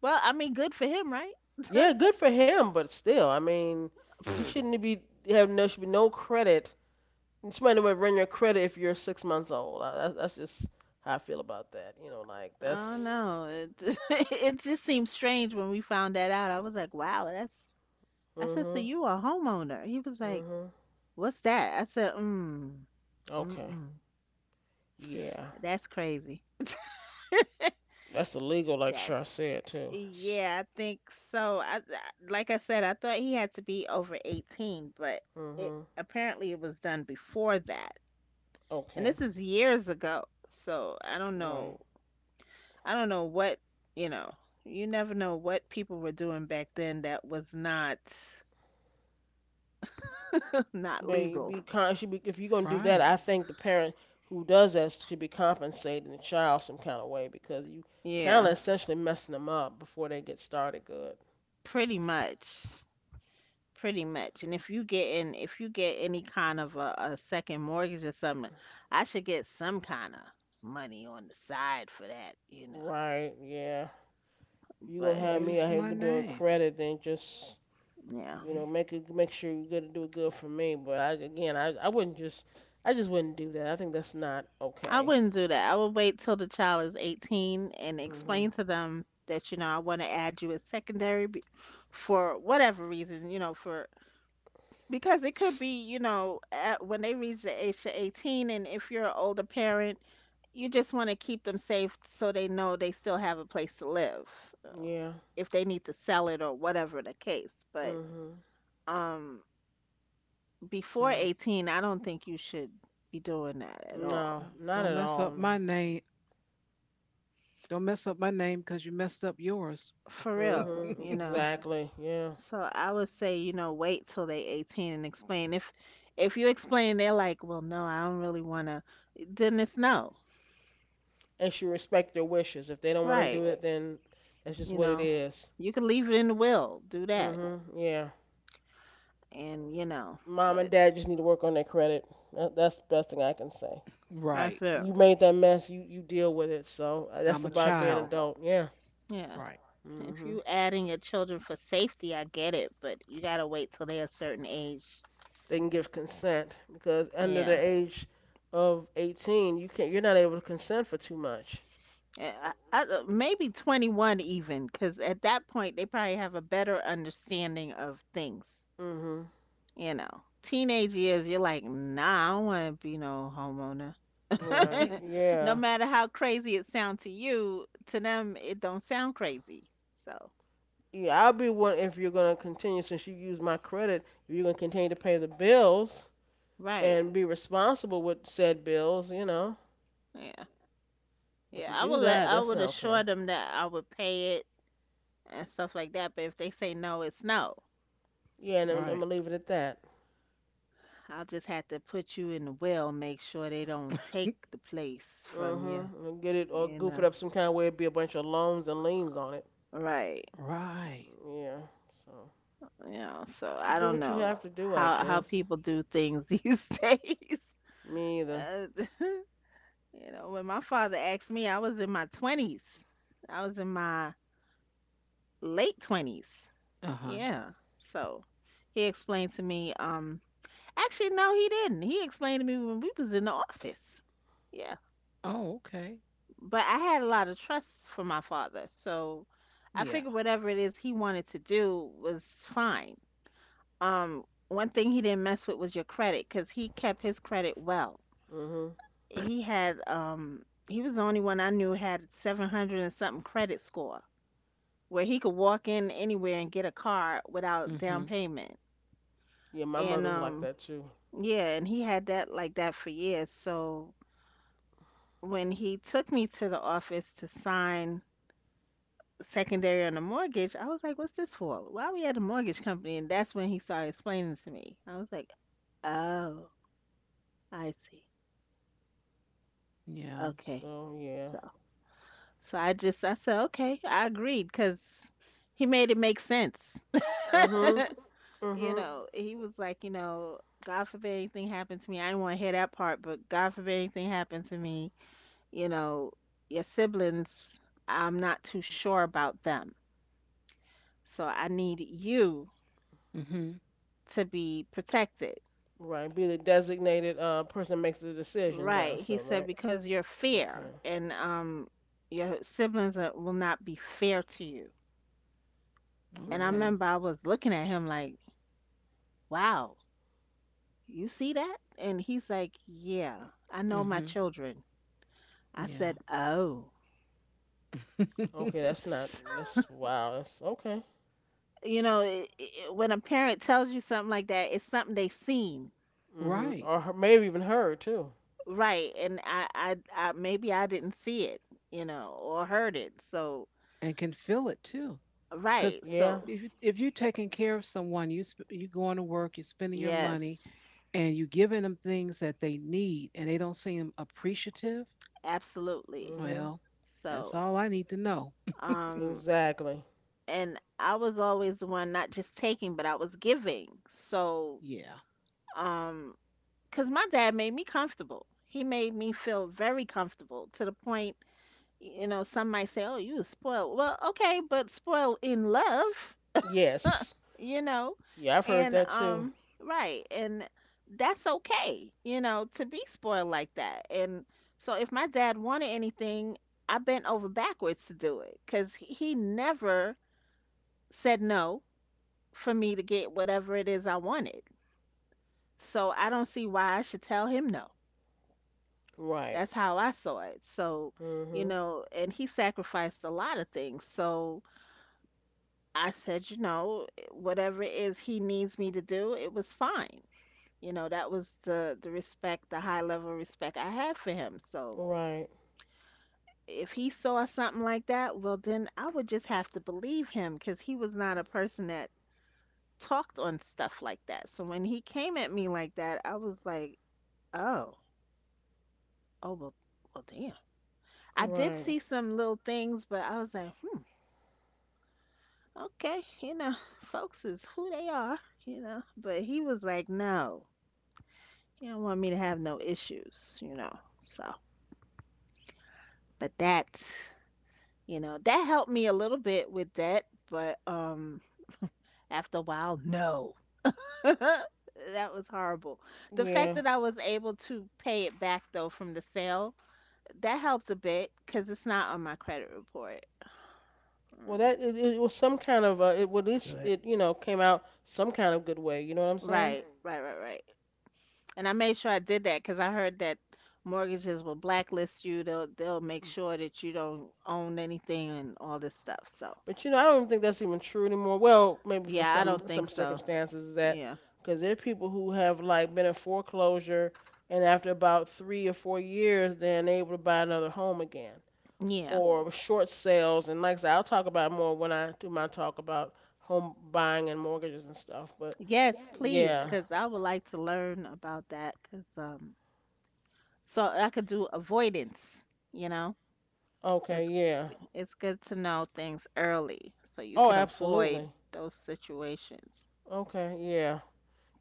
B: Well, I mean, good for him, right?
A: Yeah, good for him, but still, I mean, you shouldn't be have no should be no credit. You might would run your credit if you're six months old. I, that's just how I feel about that. You know, like
B: I don't
A: that's.
B: know. It just seems strange when we found that out. I was like, wow, that's I said, so
A: Mhm.
B: you a homeowner? He was like,
A: Hmm.
B: what's that? I said, mm,
A: Okay.
B: mm-mm.
A: Yeah.
B: That's crazy.
A: That's illegal, like
B: That's
A: Char said too.
B: yeah, I think so. I like I said, I thought he had to be over 18, but it
A: Hmm.
B: apparently it was done before that. And
A: Okay.
B: this is years ago. So, I don't
A: Right.
B: know. I don't know what, you know, you never know what people were doing back then that was not not
A: But you
B: legal.
A: be con- should be if you're gonna do that,
C: Right.
A: I think the parent who does that should be compensating the child some kind of way because you kind of
B: Yeah,
A: essentially messing them up before they get started good.
B: pretty much. Pretty much. And if you get any kind of a second mortgage or something, I should get some kind of money on the side for that, you know.
A: Right. Yeah. If you gonna
B: But
A: have me
C: Use
A: out here
C: my
A: doing
C: name.
A: credit, then just
B: yeah,
A: you
C: Hmm.
A: know make it make sure you're gonna do it good for me. But I again, I wouldn't just I just wouldn't do that. I think that's not
B: I
A: okay.
B: wouldn't do that. I would wait till the child is 18 and
A: Hmm.
B: explain to them that, you know, I want to add you as secondary for whatever reason, you know, for because it could be, you know, when they reach the age of 18, and if you're an older parent, you just want to keep them safe so they know they still have a place to live,
A: Yeah.
B: if they need to sell it or whatever the case. But
A: Mhm.
B: um, before
C: Well,
B: 18, I don't think you should be doing that at all.
A: No,
C: don't
A: not
C: don't
A: at
C: mess up
A: all.
C: my name. Don't mess up my name because you messed up yours.
B: For real,
A: Mhm.
B: you know.
A: Exactly. Yeah.
B: So I would say, you know, wait till they 18 and explain. If you explain, they're like, "Well, no, I don't really want to." Then it's no.
A: And she respect their wishes. If they don't want to do
B: Right.
A: it, then that's just
B: You
A: what it
B: know,
A: is.
B: you can leave it in the will. Do that.
A: Mhm. Yeah.
B: And, you know,
A: Mom and
B: but
A: dad just need to work on their credit. That's the best thing I can say.
B: that's
C: Right.
B: it.
A: You made that mess. You deal with it. So that's
C: I'm a
A: about being an
C: child.
A: adult. Yeah.
B: Yeah.
C: Right.
B: If
A: Mhm.
B: you adding your children for safety, I get it, but you gotta wait till they're a certain age.
A: They can give consent because under the
B: Yeah.
A: age of 18, you can't. You're not able to consent for too much.
B: Maybe 21 even, because at that point they probably have a better understanding of things.
A: Mhm.
B: You know, teenage years, you're like, nah, I don't want to be no homeowner.
A: Right.
B: No
A: Yeah.
B: matter how crazy it sounds to you, to them it don't sound crazy. So,
A: Yeah, I'll be one if you're gonna continue since you used my credit. If you're gonna continue to pay the bills
B: right.
A: and be responsible with said bills, you know.
B: Yeah.
A: But
B: Yeah,
A: to do that,
B: I
A: that's
B: would
A: not
B: assure
A: okay.
B: them that I would pay it and stuff like that, but if they say no, it's no.
A: Yeah, and
C: Right.
A: I'm gonna leave it at that.
B: I'll just have to put you in the well, make sure they don't take the place
A: Mm.
B: from you,
A: Mhm. I'm gonna get it or
B: you
A: goof
B: know.
A: it up some kind of way. It'd be a bunch of loans and liens on it.
B: Right.
C: Right.
A: Yeah. So
B: You know, so
A: you
B: I
A: do
B: don't
A: what you
B: know
A: have to do, I
B: how
A: guess.
B: people do things these days.
A: Me either.
B: Uh, you know, when my father asked me, I was in my 20s. I was in my late 20s.
C: Uh huh.
B: Yeah. So he explained to me actually no, he didn't. He explained to me when we was in the office. Yeah.
C: Oh, okay.
B: But I had a lot of trust for my father, so I
C: Yeah.
B: figured whatever it is he wanted to do was fine. Um, one thing he didn't mess with was your credit because he kept his credit well.
A: Mm. Mhm.
B: He had he was the only one I knew had 700 and something credit score where he could walk in anywhere and get a car without
C: Mm hmm.
B: down payment.
A: Yeah, my
B: And
A: mother's like that too.
B: yeah, and he had that like that for years. So when he took me to the office to sign secondary on the mortgage, I was like, what's this for? Why we at a mortgage company? And that's when he started explaining to me. I was like, oh, I see.
C: Yeah.
B: Okay.
A: So yeah.
B: So, so I said, okay, I agreed because he made it make sense.
A: Mm. Mhm. Mm.
B: You
A: Mhm.
B: know, he was like, you know, God forbid anything happened to me. I didn't want to hear that part, but God forbid anything happened to me, you know, your siblings, I'm not too sure about them. So I need you
C: Mm hmm.
B: to be protected.
A: Right. Be the designated person that makes the decisions. I
B: Right. He
A: assume,
B: said,
A: right?
B: because you're fair,
A: Okay.
B: and your siblings will not be fair to you. And I
C: Okay.
A: Mhm.
B: remember I was looking at him like, wow, you see that? And he's like, yeah, I know my
C: Mm
B: children. I
C: hmm. Yeah.
B: said, oh.
A: Okay, that's not. That's wow. That's okay.
B: You know, I when a parent tells you something like that, it's something they seen.
A: Mhm.
C: Right.
A: Or her, maybe even her too.
B: Right. And maybe I didn't see it, you know, or heard it. So,
C: And can feel it too.
B: right.
C: Because
A: Yeah.
B: So,
C: if you're taking care of someone, you going to work, you're spending your money,
B: yes,
C: and you're giving them things that they need, and they don't seem appreciative,
B: absolutely.
A: Mhm.
C: well, that's
B: So,
C: all I need to know.
B: Um,
A: Exactly.
B: and I was always the one not just taking, but I was giving. So,
C: Yeah.
B: um, because my dad made me comfortable. He made me feel very comfortable to the point, you know, some might say, oh, you was spoiled. Well, okay, but spoiled in love,
A: Yes.
B: you know,
A: Yeah, I've heard
B: and,
A: that too.
B: um, right. And that's okay, you know, to be spoiled like that. And so if my dad wanted anything, I bent over backwards to do it because he never said no for me to get whatever it is I wanted. So I don't see why I should tell him no.
A: Right.
B: That's how I saw it. So, you
A: Mhm.
B: know, and he sacrificed a lot of things. So I said, you know, whatever it is he needs me to do, it was fine. You know, that was the respect, the high level respect I had for him. So
A: Right.
B: if he saw something like that, well then I would just have to believe him because he was not a person that talked on stuff like that. So when he came at me like that, I was like, oh, oh well, well, damn. I did
A: Right.
B: see some little things, but I was like, hmm, okay, you know, folks is who they are, you know. But he was like, no, he don't want me to have no issues, you know. So, but that, you know, that helped me a little bit with debt, but after a while, no. That was horrible. The fact
A: Yeah.
B: that I was able to pay it back though from the sale, that helped a bit because it's not on my credit report.
A: Well,
B: Mm.
A: that it was some kind of it. Well, at least
C: Good.
A: it you know came out some kind of good way. You know what I'm saying?
B: Right, right, right, right. And I made sure I did that because I heard that mortgages will blacklist you. They'll make sure that you don't own anything and all this stuff. So
A: But you know, I don't even think that's even true anymore. Well, maybe for
B: yeah, I don't
A: some
B: think so.
A: circumstances is that
B: Yeah,
A: because there are people who have like been in foreclosure and after about three or four years, they're unable to buy another home again
B: yeah,
A: or short sales. And like I said, I'll talk about it more when I do my talk about home buying and mortgages and stuff. But
B: yes, please,
A: yeah,
B: because I would like to learn about that. Because so I could do avoidance. You know,
A: okay,
B: it's
A: yeah.
B: it's good to know things early so you
A: Oh,
B: could avoid
A: absolutely.
B: those situations.
A: Okay, yeah.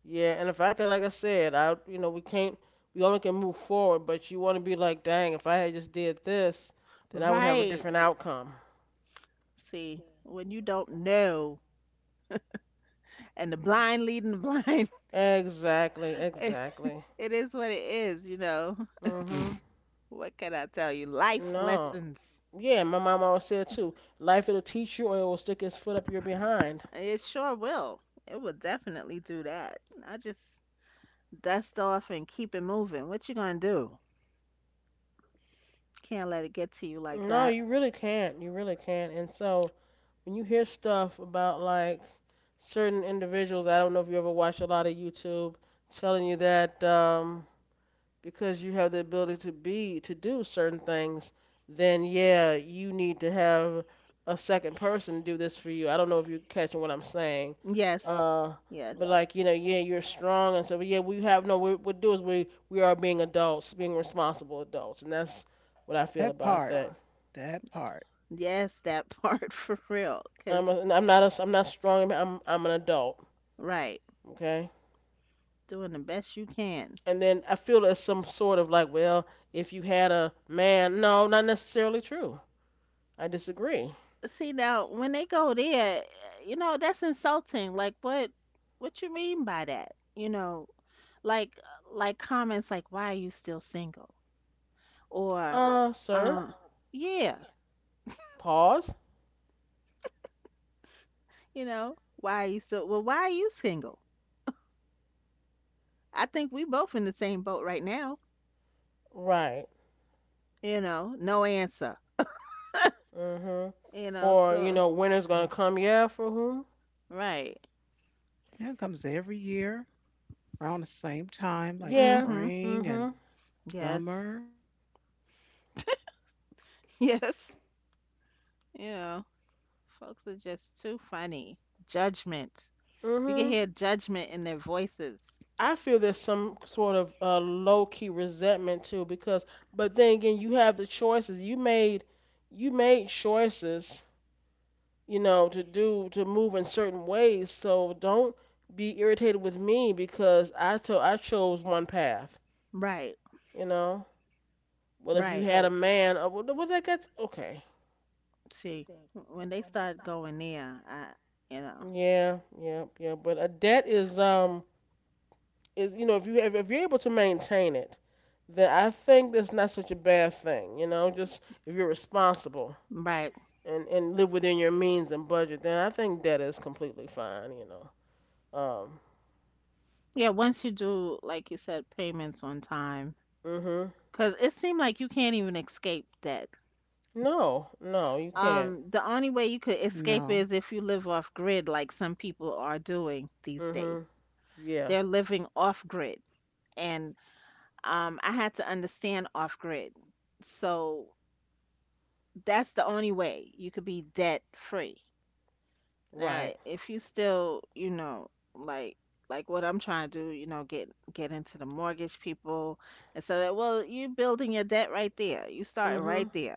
A: Yeah, and if I could, like I said, I you know we can't we only can move forward, but you want to be like, dang, if I had just did this, then I would have a
B: Right.
A: different outcome.
B: See, when you don't know and the blind leading the blind,
A: Exactly, exactly.
B: it is what it is, you know.
A: Mhm.
B: What can I tell you? Life
A: No.
B: lessons.
A: Yeah, my mom always said too, life it'll teach you or it will stick its foot up your behind.
B: It sure will. It will definitely do that. I just dust off and keep it moving. What you gonna do? Can't let it get to you like
A: No,
B: that.
A: you really can't. You really can't. And so when you hear stuff about like certain individuals, I don't know if you ever watched a lot of YouTube telling you that because you have the ability to be to do certain things, then yeah, you need to have a second person do this for you. I don't know if you're catching what I'm saying.
B: Yes.
A: Uh, but
B: Yes.
A: like you know, yeah, you're strong, and so but yeah, we have no. What we do is we are being adults, being responsible adults, and that's what I feel
C: That
A: about
C: part.
A: that.
C: That part.
B: Yes, that part for real.
A: I'm
B: 'Cause
A: a, I'm not strong. I'm an adult.
B: right,
A: Okay.
B: doing the best you can.
A: And then I feel there's some sort of like, well, if you had a man, no, not necessarily true. I disagree.
B: See now, when they go there, you know, that's insulting. Like what you mean by that? You know, like like comments like why are you still single? Or,
A: Sir.
B: uh, yeah,
A: Pause.
B: you know, why are you why are you single? I think we both in the same boat right now,
A: Right.
B: you know, no answer,
A: Mhm.
B: you know,
A: Or you
B: so,
A: know, winter's gonna
C: Right.
A: come. Yeah, for whom?
B: right.
C: Yeah, it comes every year around the same time, like
A: Yeah.
B: Mm-hmm.
C: spring and
A: Mhm.
B: Yes,
C: summer.
B: yes, you know, folks are just too funny. Judgment. You can
A: Mhm.
B: hear judgment in their voices.
A: I feel there's some sort of low key resentment too, because but then again, you have the choices. You made choices, you know, to do to move in certain ways. So don't be irritated with me because I to, I chose one path.
B: Right,
A: You know. Well, if you
B: right.
A: had a man, what that got? Okay.
B: See, when they start going there, you know,
A: Yeah, yeah, yeah. But a debt is you know if you're able to maintain it, then I think that's not such a bad thing. You know, just if you're responsible
B: right.
A: and live within your means and budget, then I think debt is completely fine. You know.
B: Yeah, once you do, like you said, payments on time.
A: Mhm.
B: Cause it seemed like you can't even escape that.
A: No, no, you can't.
B: The only way you could escape
C: No,
B: is if you live off grid, like some people are doing these
A: Mhm.
B: days.
A: Yeah.
B: They're living off grid, and I had to understand off grid. So that's the only way you could be debt free. Now,
A: Right.
B: if you still, you know, like like what I'm trying to do, you know, get into the mortgage people, and so that well, you're building your debt right there. You start
A: Mhm.
B: right there,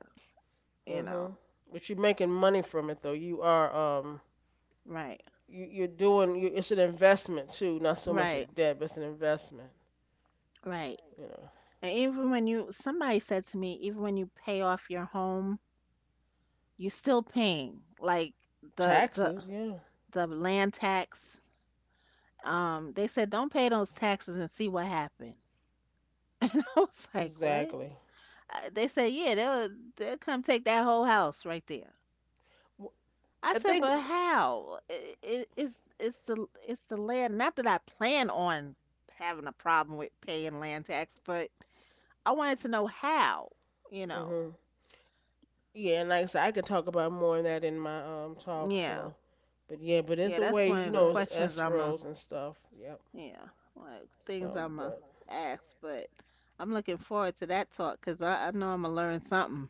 B: you know,
A: Mhm. But you're making money from it though.
B: right.
A: You you're doing you, it's an investment too, not so much a
B: Right,
A: debt, but it's an investment.
B: right.
A: You know.
B: And even when you, somebody said to me, even when you pay off your home, you're still paying like the the
A: Taxes, yeah,
B: the land tax. They said don't pay those taxes and see what happened. And I was like, what?
A: exactly.
B: They said, yeah, they'll come take that whole house right there.
A: W-
B: I
A: I
B: said,
A: think,
B: but how? I it, it's the land. Not that I plan on having a problem with paying land tax, but I wanted to know how. You know,
A: hmm yeah, and like I said, I could talk about more of that in my talk.
B: yeah.
A: So, but yeah, but it's
B: Yeah,
A: a
B: that's
A: way,
B: one
A: you
B: of the
A: know, it's
B: questions I'm a
A: escrows and stuff. Yep.
B: yeah, things
A: So,
B: I'm a
A: but
B: ask, but I'm looking forward to that talk because I know I'm gonna learn something.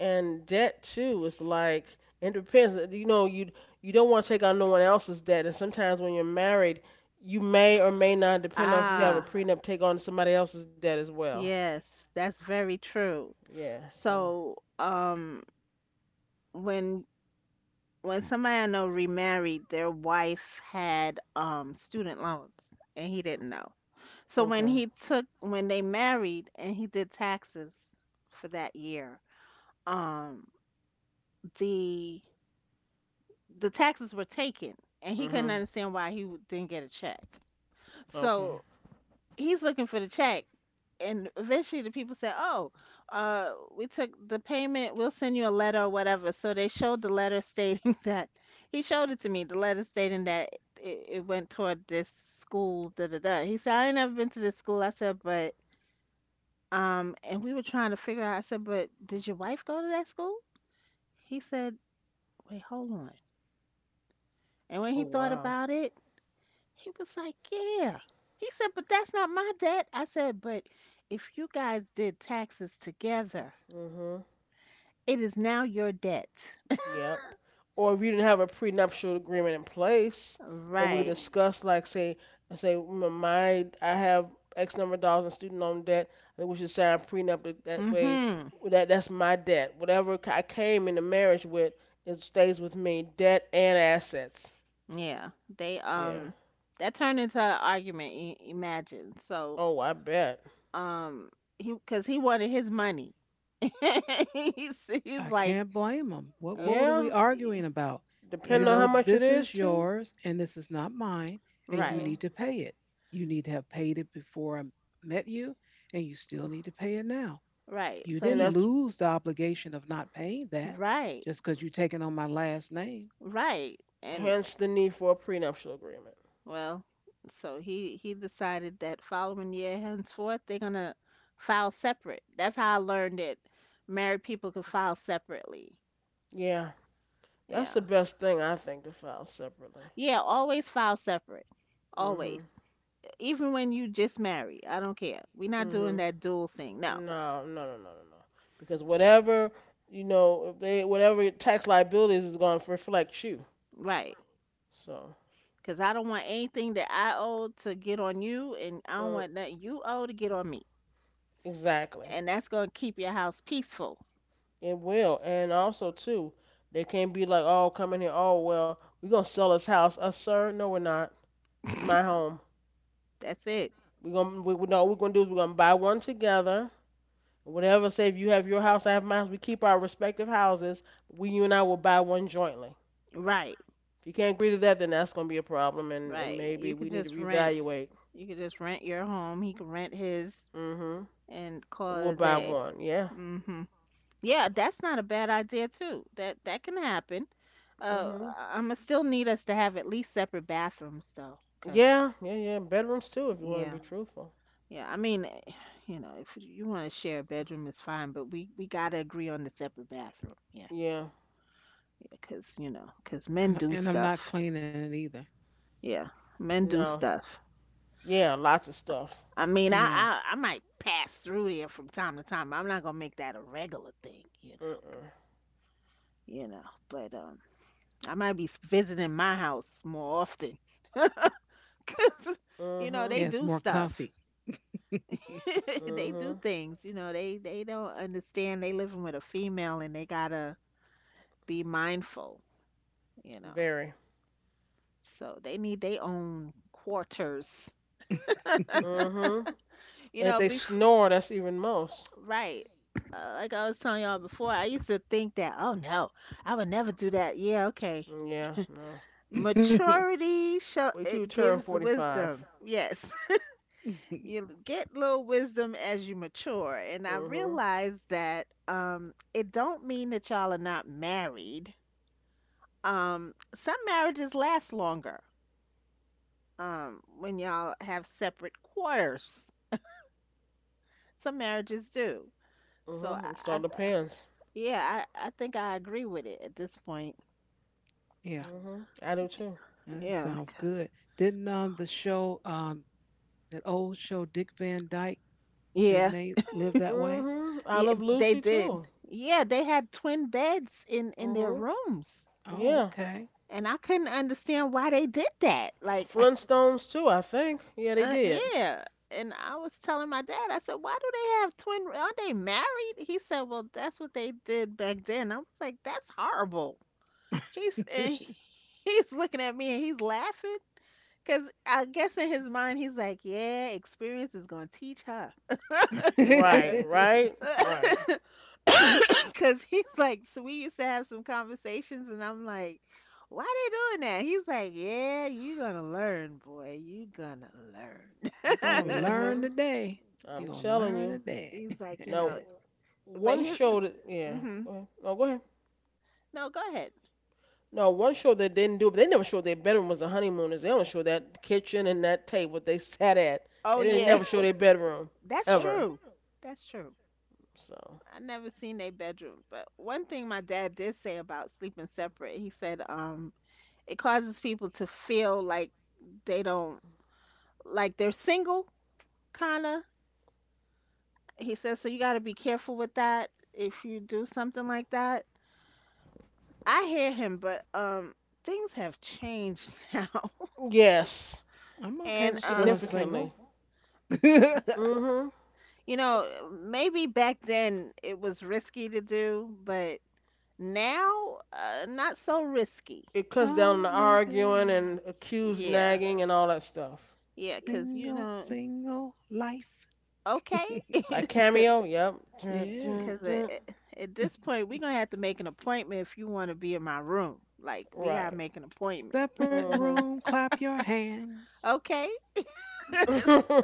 A: and debt too is like it depends. You know, you don't want to take on no one else's debt, and sometimes when you're married, you may or may not, depend on if you have a
B: Ah,
A: prenup, take on somebody else's debt as well.
B: yes, that's very true.
A: Yeah. So,
B: So, when when somebody I know remarried, their wife had student loans, and he didn't know. So when
A: okay.
B: he took when they married and he did taxes for that year, um, the the taxes were taken and he couldn't
A: Mhm.
B: understand why he didn't get a check,
A: Okay.
B: so he's looking for the check, and eventually the people said, oh uh, we took the payment, we'll send you a letter or whatever. So they showed the letter stating that, he showed it to me, the letter stating that it went toward this school da da da. He said, I ain't never been to this school. I said, but and we were trying to figure out, I said, but did your wife go to that school? He said, wait, hold on. And when he
A: Oh
B: thought
A: wow.
B: about it, he was like, yeah. He said, but that's not my debt. I said, but if you guys did taxes together,
A: Mhm.
B: it is now your debt.
A: Yep. Or if you didn't have a prenuptial agreement in place that we Mhm.
B: Right.
A: discussed, like say, I say "My I have X number of dollars in student loan debt. I think we should sign a prenup that way.
B: Mm-hmm.
A: That's my debt. Whatever I came into marriage with, it stays with me. Debt and assets.
B: Yeah. They
A: Yeah.
B: that turned into an argument, I imagine. So,
A: Oh, I bet.
B: um he cuz he wanted his money. he's
C: I
B: he's like
C: can't blame them.
B: uh,
C: What are
A: Yeah.
C: we
B: y-
C: arguing about?
B: you
C: You
A: Depending on
B: know,
A: how
C: know
A: much
C: this
A: it
C: is
A: is too.
C: yours and this is not mine, and
A: Mhm.
C: you
B: right.
C: need
A: Mhm.
C: to pay it. You need to have paid it before I met you, and you still need to pay it now.
B: Right.
C: You
B: So
A: And
C: didn't
B: he's
A: that's
C: lose the obligation of not paying that
B: right.
C: just because you're taking on my last name,
B: Right. And,
A: hence the need for a prenuptial agreement.
B: well, so he decided that following year henceforth they're gonna file separate. That's how I learned that married people could file separately.
A: Yeah. That's
B: Yeah.
A: the best thing I think to file separately.
B: Yeah, always file separate.
A: Mhm.
B: Always. Even when you just married. I don't care. We're not doing
A: Mhm.
B: that dual thing. No.
A: No, no, no, no, no, no. Because whatever you know, if they whatever tax liabilities is going to reflect you.
B: Right.
A: So
B: Cause I don't want anything that I owe to get on you and I don't
A: mm,
B: want nothing you owe to get on me.
A: exactly,
B: And that's gonna keep your house peaceful.
A: it will. And also too, they can't be like, oh, come in here. Oh well, we're gonna sell this house. Sir, no, we're not. This is my home.
B: That's it.
A: We're gonna we, no, what we're gonna do is we're gonna buy one together. Whatever. Say if you have your house, I have my house. We keep our respective houses. We You and I will buy one jointly. If
B: Right.
A: you can't agree to that, then that's gonna be a problem, and
B: Right.
A: maybe we need to reevaluate.
B: You could just rent your home. He could rent his
A: Mhm.
B: and call it
A: We'll
B: a
A: buy
B: day.
A: one. Yeah.
B: Mhm. Yeah, that's not a bad idea too. That that can happen.
A: Mhm.
B: I'm gonna still need us to have at least separate bathrooms though, 'cause
A: Yeah. Yeah. Yeah. Bedrooms too, if you want to
B: yeah,
A: be truthful.
B: yeah. I mean, you know, if you want to share a bedroom, it's fine, but we gotta agree on the separate bathroom. Yeah,
A: Yeah.
B: yeah, 'cause you know, 'cause men
C: and, I-
B: do
C: and I'm
B: stuff.
C: not cleaning it either.
B: Yeah, men do
A: No.
B: stuff.
A: Yeah. Lots of stuff.
B: I mean, I,
C: Yeah.
B: I I might pass through there from time to time. I'm not gonna make that a regular thing, you know,
A: Mm-mm.
B: 'cause you know. But I might be visiting my house more often, 'cause you know
A: Mhm.
B: they
C: Yeah, it's
B: do
C: more
B: stuff.
C: comfy.
B: They do
A: Mhm.
B: things. You know, they don't understand. They living with a female and they gotta be mindful. You know,
A: Very.
B: so they need their own quarters.
A: Mhm.
B: You
A: And if
B: know,
A: they
B: be,
A: snore, that's even most.
B: right. Like I was telling y'all before, I used to think that, oh no, I would never do that. Yeah, okay.
A: Mm, yeah. No.
C: Yeah,
B: Maturity show
A: Wait till you
B: it
A: turn
B: gives
A: 45.
B: wisdom. Yes. You get little wisdom as you mature. And I
A: Mhm.
B: realized that it don't mean that y'all are not married. Some marriages last longer when y'all have separate quarters. Some marriages do. So I,
A: Mhm. It all
B: I
A: depends.
B: yeah, I, I think I agree with it at this point.
A: Mhm. I do too.
C: that
B: Yeah.
C: sounds good. Didn't the show that old show Dick Van Dyke
B: Yeah,
C: didn't they live that way?
A: Mhm. I
B: yeah,
A: love
B: they
A: Lucy
B: did.
A: too.
B: Yeah, they had twin beds in their
A: Mhm.
B: rooms,
C: Oh,
A: Yeah.
C: okay.
B: and I couldn't understand why they did that. Like,
A: Flintstones too, I think. Yeah, they did.
B: yeah. And I was telling my dad, I said, "Why do they have twin? Aren't they married?" He said, "Well, that's what they did back then." I was like, "That's horrible." He's and he's looking at me and he's laughing because I guess in his mind he's like, "Yeah, experience is gonna teach her."
A: Right, right, right.
B: Cause he's like, so we used to have some conversations, and I'm like, why they doing that? He's like, yeah, you gonna learn, boy. You gonna learn.
C: You gonna learn
A: Mhm.
C: today. You
A: I'm
C: gonna
A: telling
C: learn
A: you.
C: today.
B: He's like, you
A: Now,
B: know, but
A: one
B: he,
A: show that yeah.
B: hmm,
A: Go ahead. No, go ahead.
B: no, go ahead.
A: No, one show that didn't do, but they never showed their bedroom was the Honeymooners. They only showed that kitchen and that table they sat at.
B: Oh
A: They didn't
B: yeah,
A: never show their bedroom
B: that's
A: ever.
B: true. That's true.
A: So
B: I never seen their bedroom, but one thing my dad did say about sleeping separate, he said, it causes people to feel like they don't like they're single, kinda. He says, so you got to be careful with that if you do something like that. I hear him, but things have changed now.
A: yes,
C: I'm okay
B: And
C: with feeling single.
A: significantly. Mhm.
B: you know, maybe back then it was risky to do, but now not so risky.
A: It cuts down on the
C: I'm living
A: arguing
C: a
A: and accused
B: Yeah,
A: nagging and all that stuff.
B: yeah, because you know,
C: single life.
B: okay,
A: By
B: because
A: cameo, yep. Dun,
C: Yeah.
A: dun, dun.
B: at at this point we're gonna have to make an appointment if you want to be in my room. Like we gotta
A: Right.
B: make an appointment.
C: Separate
A: Mhm.
C: room, clap your hands.
B: Okay.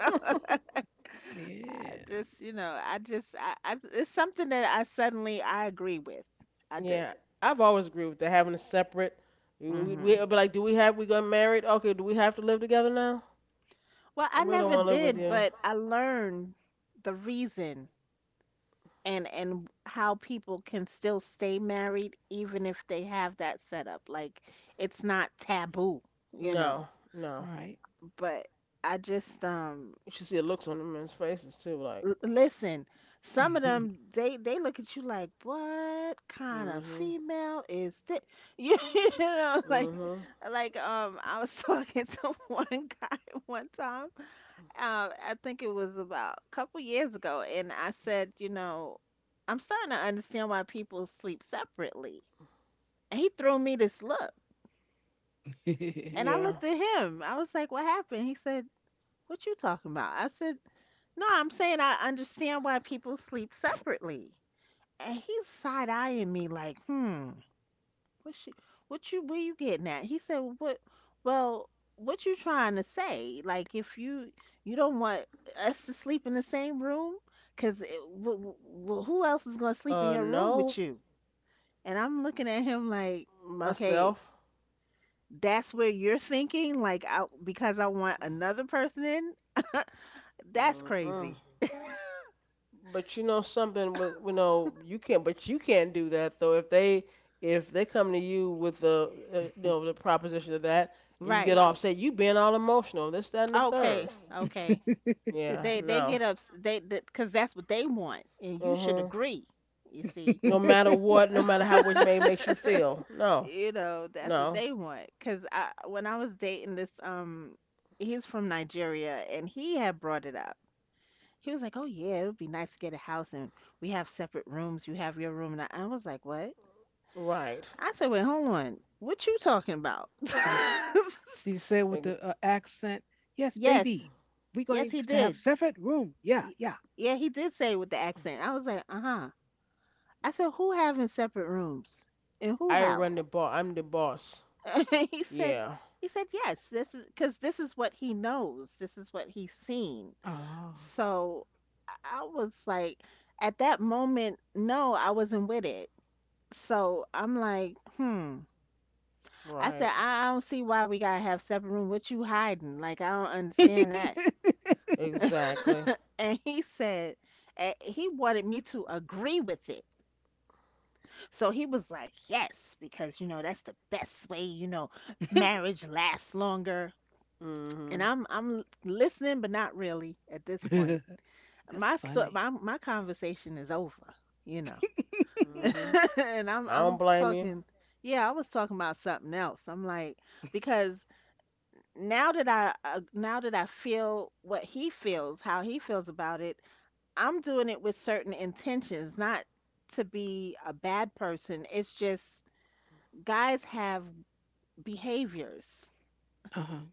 C: Yeah.
B: This, you know, I just, I, it's something that I suddenly I agree with. I do.
A: Yeah, I've always agreed with that. Having a separate, we
B: Hmm.
A: but like, do we have we got married? Okay, do we have to live together now?
B: Well,
A: I
B: I
A: really don't
B: never
A: want to live with
B: did,
A: you.
B: but I learned the reason and how people can still stay married even if they have that setup. Like it's not taboo, you know.
A: No, no.
C: Right.
B: But I just
A: You should see the looks on the men's faces too. Like,
B: L- listen, some of them they look at you like, what kind of
A: mm-hmm,
B: female is this? You know, like
A: mm-hmm.
B: I was talking to one guy one time. I think it was about a couple years ago, and I said, you know, I'm starting to understand why people sleep separately. And he threw me this look, and
C: did
B: I
A: Yeah.
B: looked at him. I was like, what happened? He said, what you talking about? I said, no, I'm saying I understand why people sleep separately. And he's side eyeing me like, hmm, what you, where you getting at? He said, what, well, what you trying to say? Like, if you, you don't want us to sleep in the same room, cause w- who else is gonna sleep in your room
A: No.
B: with you? And I'm looking at him like, okay,
A: Myself.
B: that's where you're thinking, like, I, because I want another person in. That's
A: Mm-mm.
B: crazy,
A: But you know something with you know you can't but you can't do that though if they come to you with the you know the proposition of that and you get
B: right?
A: all upset you being all emotional this that and the third
B: Okay, okay.
A: yeah
B: They
A: no
B: get up they because that's what they want, and you should
A: uh-huh
B: agree. You see,
A: no matter what no matter how which may makes you feel no
B: you know that's what
A: no
B: they want. Because I when I was dating this he's from Nigeria, and he had brought it up. He was like, "Oh yeah, it would be nice to get a house, and we have separate rooms. You have your room." And I was like, "What?"
A: right
B: I said, "Wait, hold on. What you talking about?"
C: he s- did he say with the
A: Ex-
C: accent? Yes,
B: Yes,
C: baby. We're
B: yes,
C: going
B: he
C: to have
B: did.
C: separate room. Yeah,
B: He-
C: yeah.
B: Yeah, he did say it with the accent. I was like, uh-huh. I said, "Who having separate rooms in who
A: I
B: house?"
A: run the boss I'm the boss
B: He said,
A: yeah
B: "He said yes. This is because this is what he knows. This is what he's seen."
C: Oh.
B: So I I was like, at that moment, no, I wasn't with it. So I'm like, hmm. I
A: right
B: said, I don't see why we gotta have separate room. What you hiding? Like I don't understand that.
A: exactly
B: And he said, he wanted me to agree with it. So he was like, "Yes, because you know that's the best way, you know, marriage lasts longer." And
A: mhm
B: I'm listening, but not really at this point.
C: That's
B: My sto-
C: funny.
B: my my conversation is over, you know,
A: mhm
B: and
A: I
B: I'm
A: don't
B: I'm
A: blame you.
B: talking. Yeah, I was talking about something else. I'm like, because now that I feel what he feels, how he feels about it, I'm doing it with certain intentions, not to be a bad person. It's just guys have behaviors.
C: Uh-huh.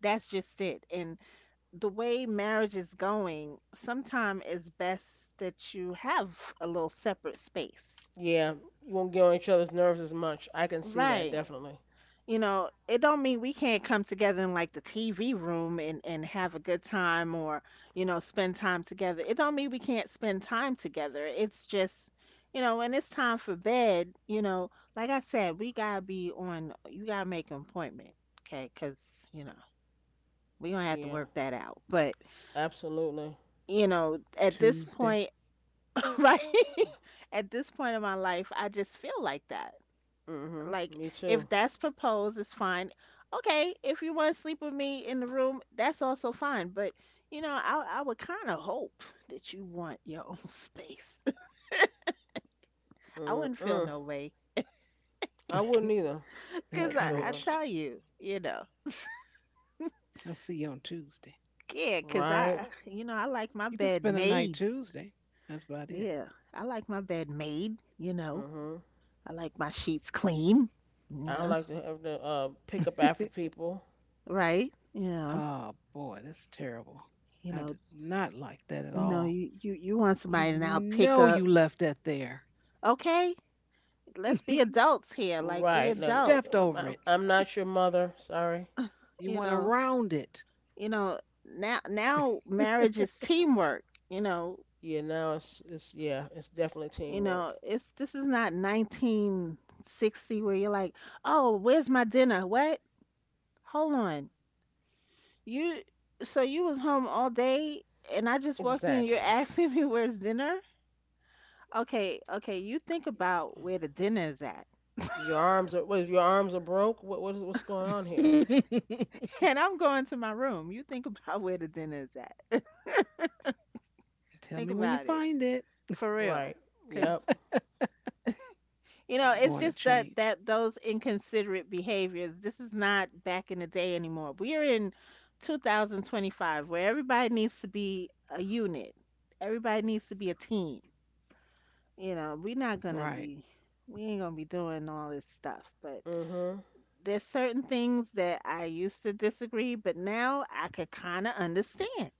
B: That's just it. And the way marriage is going, sometimes it's best that you have a little separate space.
A: Yeah, you won't get on each other's nerves as much. I can see that
B: Right.
A: definitely.
B: You know, it don't mean we can't come together in like the TV room and have a good time or, you know, spend time together. It don't mean we can't spend time together. It's just, you know, when it's time for bed, you know, like I said, we gotta be on, you gotta make an appointment, okay? 'Cause, you know, we gonna have to
A: Yeah,
B: work that out. But
A: absolutely.
B: you know, at this
C: Tuesday.
B: point, right? At this point in my life, I just feel like that.
A: Mhm.
B: Like,
A: Me too.
B: if that's proposed, it's fine. Okay, if you want to sleep with me in the room, that's also fine. But, you know, I would kind of hope that you want your own space. I wouldn't feel
A: Mm-mm.
B: no way.
A: I wouldn't either. I
B: Because
A: had
B: I
A: children.
C: Encouraged.
B: tell you, you know,
C: I'll see you on Tuesday.
B: yeah, because
A: Right.
B: I, you know, I like my
C: You can
B: bed
C: spend the night
B: made.
C: Tuesday. That's about it.
B: Yeah, I like my bed made, you know,
A: Mhm.
B: I like my sheets clean. You
A: I don't
B: know,
A: like to have to pick up after people.
B: right? Yeah.
C: Oh boy, that's terrible.
B: You
C: I
B: know,
C: did not like that at
B: you know,
C: all.
B: you want
C: You
B: somebody to now pick
C: know
B: up.
C: you left that there.
B: Okay, let's be adults here. Like
C: You
B: we
A: Right. No,
B: adults.
C: stepped over
A: I'm
C: it.
A: not your mother. Sorry.
C: You went
B: You know,
C: around it.
B: you know. Now marriage is teamwork. You know,
A: Yeah. Now it's yeah. It's definitely
B: you know.
A: teamwork.
B: It's this is not 1960 where you're like, oh, where's my dinner? What? Hold on. You so you was home all day and I just walked in. And you're
A: Exactly.
B: asking me where's dinner? Okay, okay. You think about where the dinner is at.
A: Your arms are what? Your arms are broke. What is what's going on here?
B: And I'm going to my room. You think about where the dinner is at.
C: Tell
B: Think
C: me when you
B: about it.
C: find it.
B: For real.
A: Right.
B: Cause
A: Yep.
B: you know,
C: I'm
B: it's
C: going to
B: just that
C: change.
B: those inconsiderate behaviors, this is not back in the day anymore. We are in 2025 where everybody needs to be a unit. Everybody needs to be a team. You know, we're not gonna
C: Right.
B: be we ain't gonna be doing all this stuff. But
A: Mhm.
B: there's certain things that I used to disagree, but now I could kinda understand.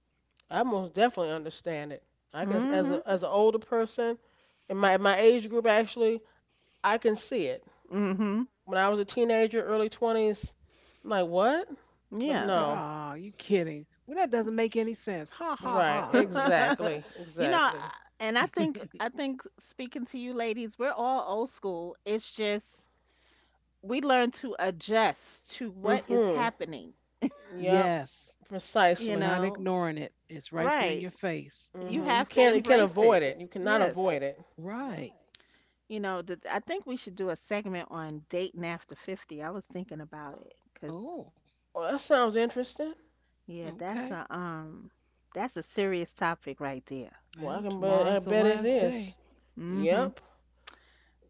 A: I most definitely understand it. I can as
B: Mm-hmm.
A: a as an older person in my age group actually, I can see it.
B: Mm-hmm.
A: When I was a teenager, early 20s, I'm like, "What?" But
B: Yeah.
C: Like,
A: no.
C: oh, you kidding. Well, that doesn't make any sense. Ha ha
A: Right.
C: ha.
A: Exactly.
B: you know, I-
A: Exactly.
B: and I think speaking to you ladies, we're all old school. It's just we learn to adjust to what is
A: Mhm.
B: happening,
A: Yep.
C: Yes.
B: you
A: Precisely.
C: Not
B: know.
C: ignoring it. It's right there in
B: Right.
C: your face.
B: You
A: Mhm.
C: Hmm.
B: have to
A: You can't
B: embrace it.
A: avoid it. You cannot
B: Yes.
A: avoid it.
C: Right.
B: You know, the, I think we should do a segment on dating after 50. I was thinking about it cuz
C: Oh,
A: Well, that sounds interesting.
B: yeah,
C: okay.
B: that's a serious topic right there.
A: Well,
C: Well,
A: I
C: tomorrow's the
A: bet it
C: last
A: is.
C: day.
B: Mhm.
A: Yep.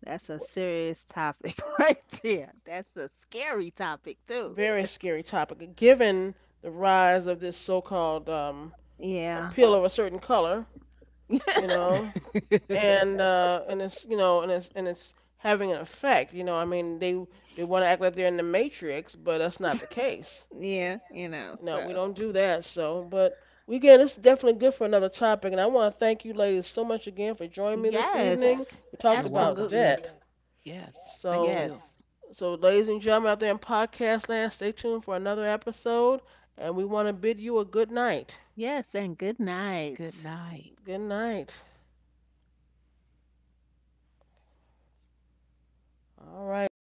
B: That's a serious topic right there. That's a scary topic too.
A: Very scary topic. Given the rise of this so-called
B: Yeah.
A: appeal of a certain color, you know. And and it's, you know, and it's having an effect, you know. I mean, they want to act like they're in the Matrix, but that's not the case.
B: Yeah, you know,
A: No, we
B: so
A: don't do that. So but we get this is definitely good for another topic, and I want to thank you ladies so much again for joining me this
B: yes,
A: evening. We talked
C: You're
A: about
C: welcome.
B: absolutely.
A: debt.
C: Yes. Thank
A: So,
C: you.
B: Yes.
A: so, ladies and gentlemen out there in podcast land, stay tuned for another episode. And we want to bid you a good night.
B: Yes, and good
C: Good
B: night.
C: night.
A: Good night. All right, and that's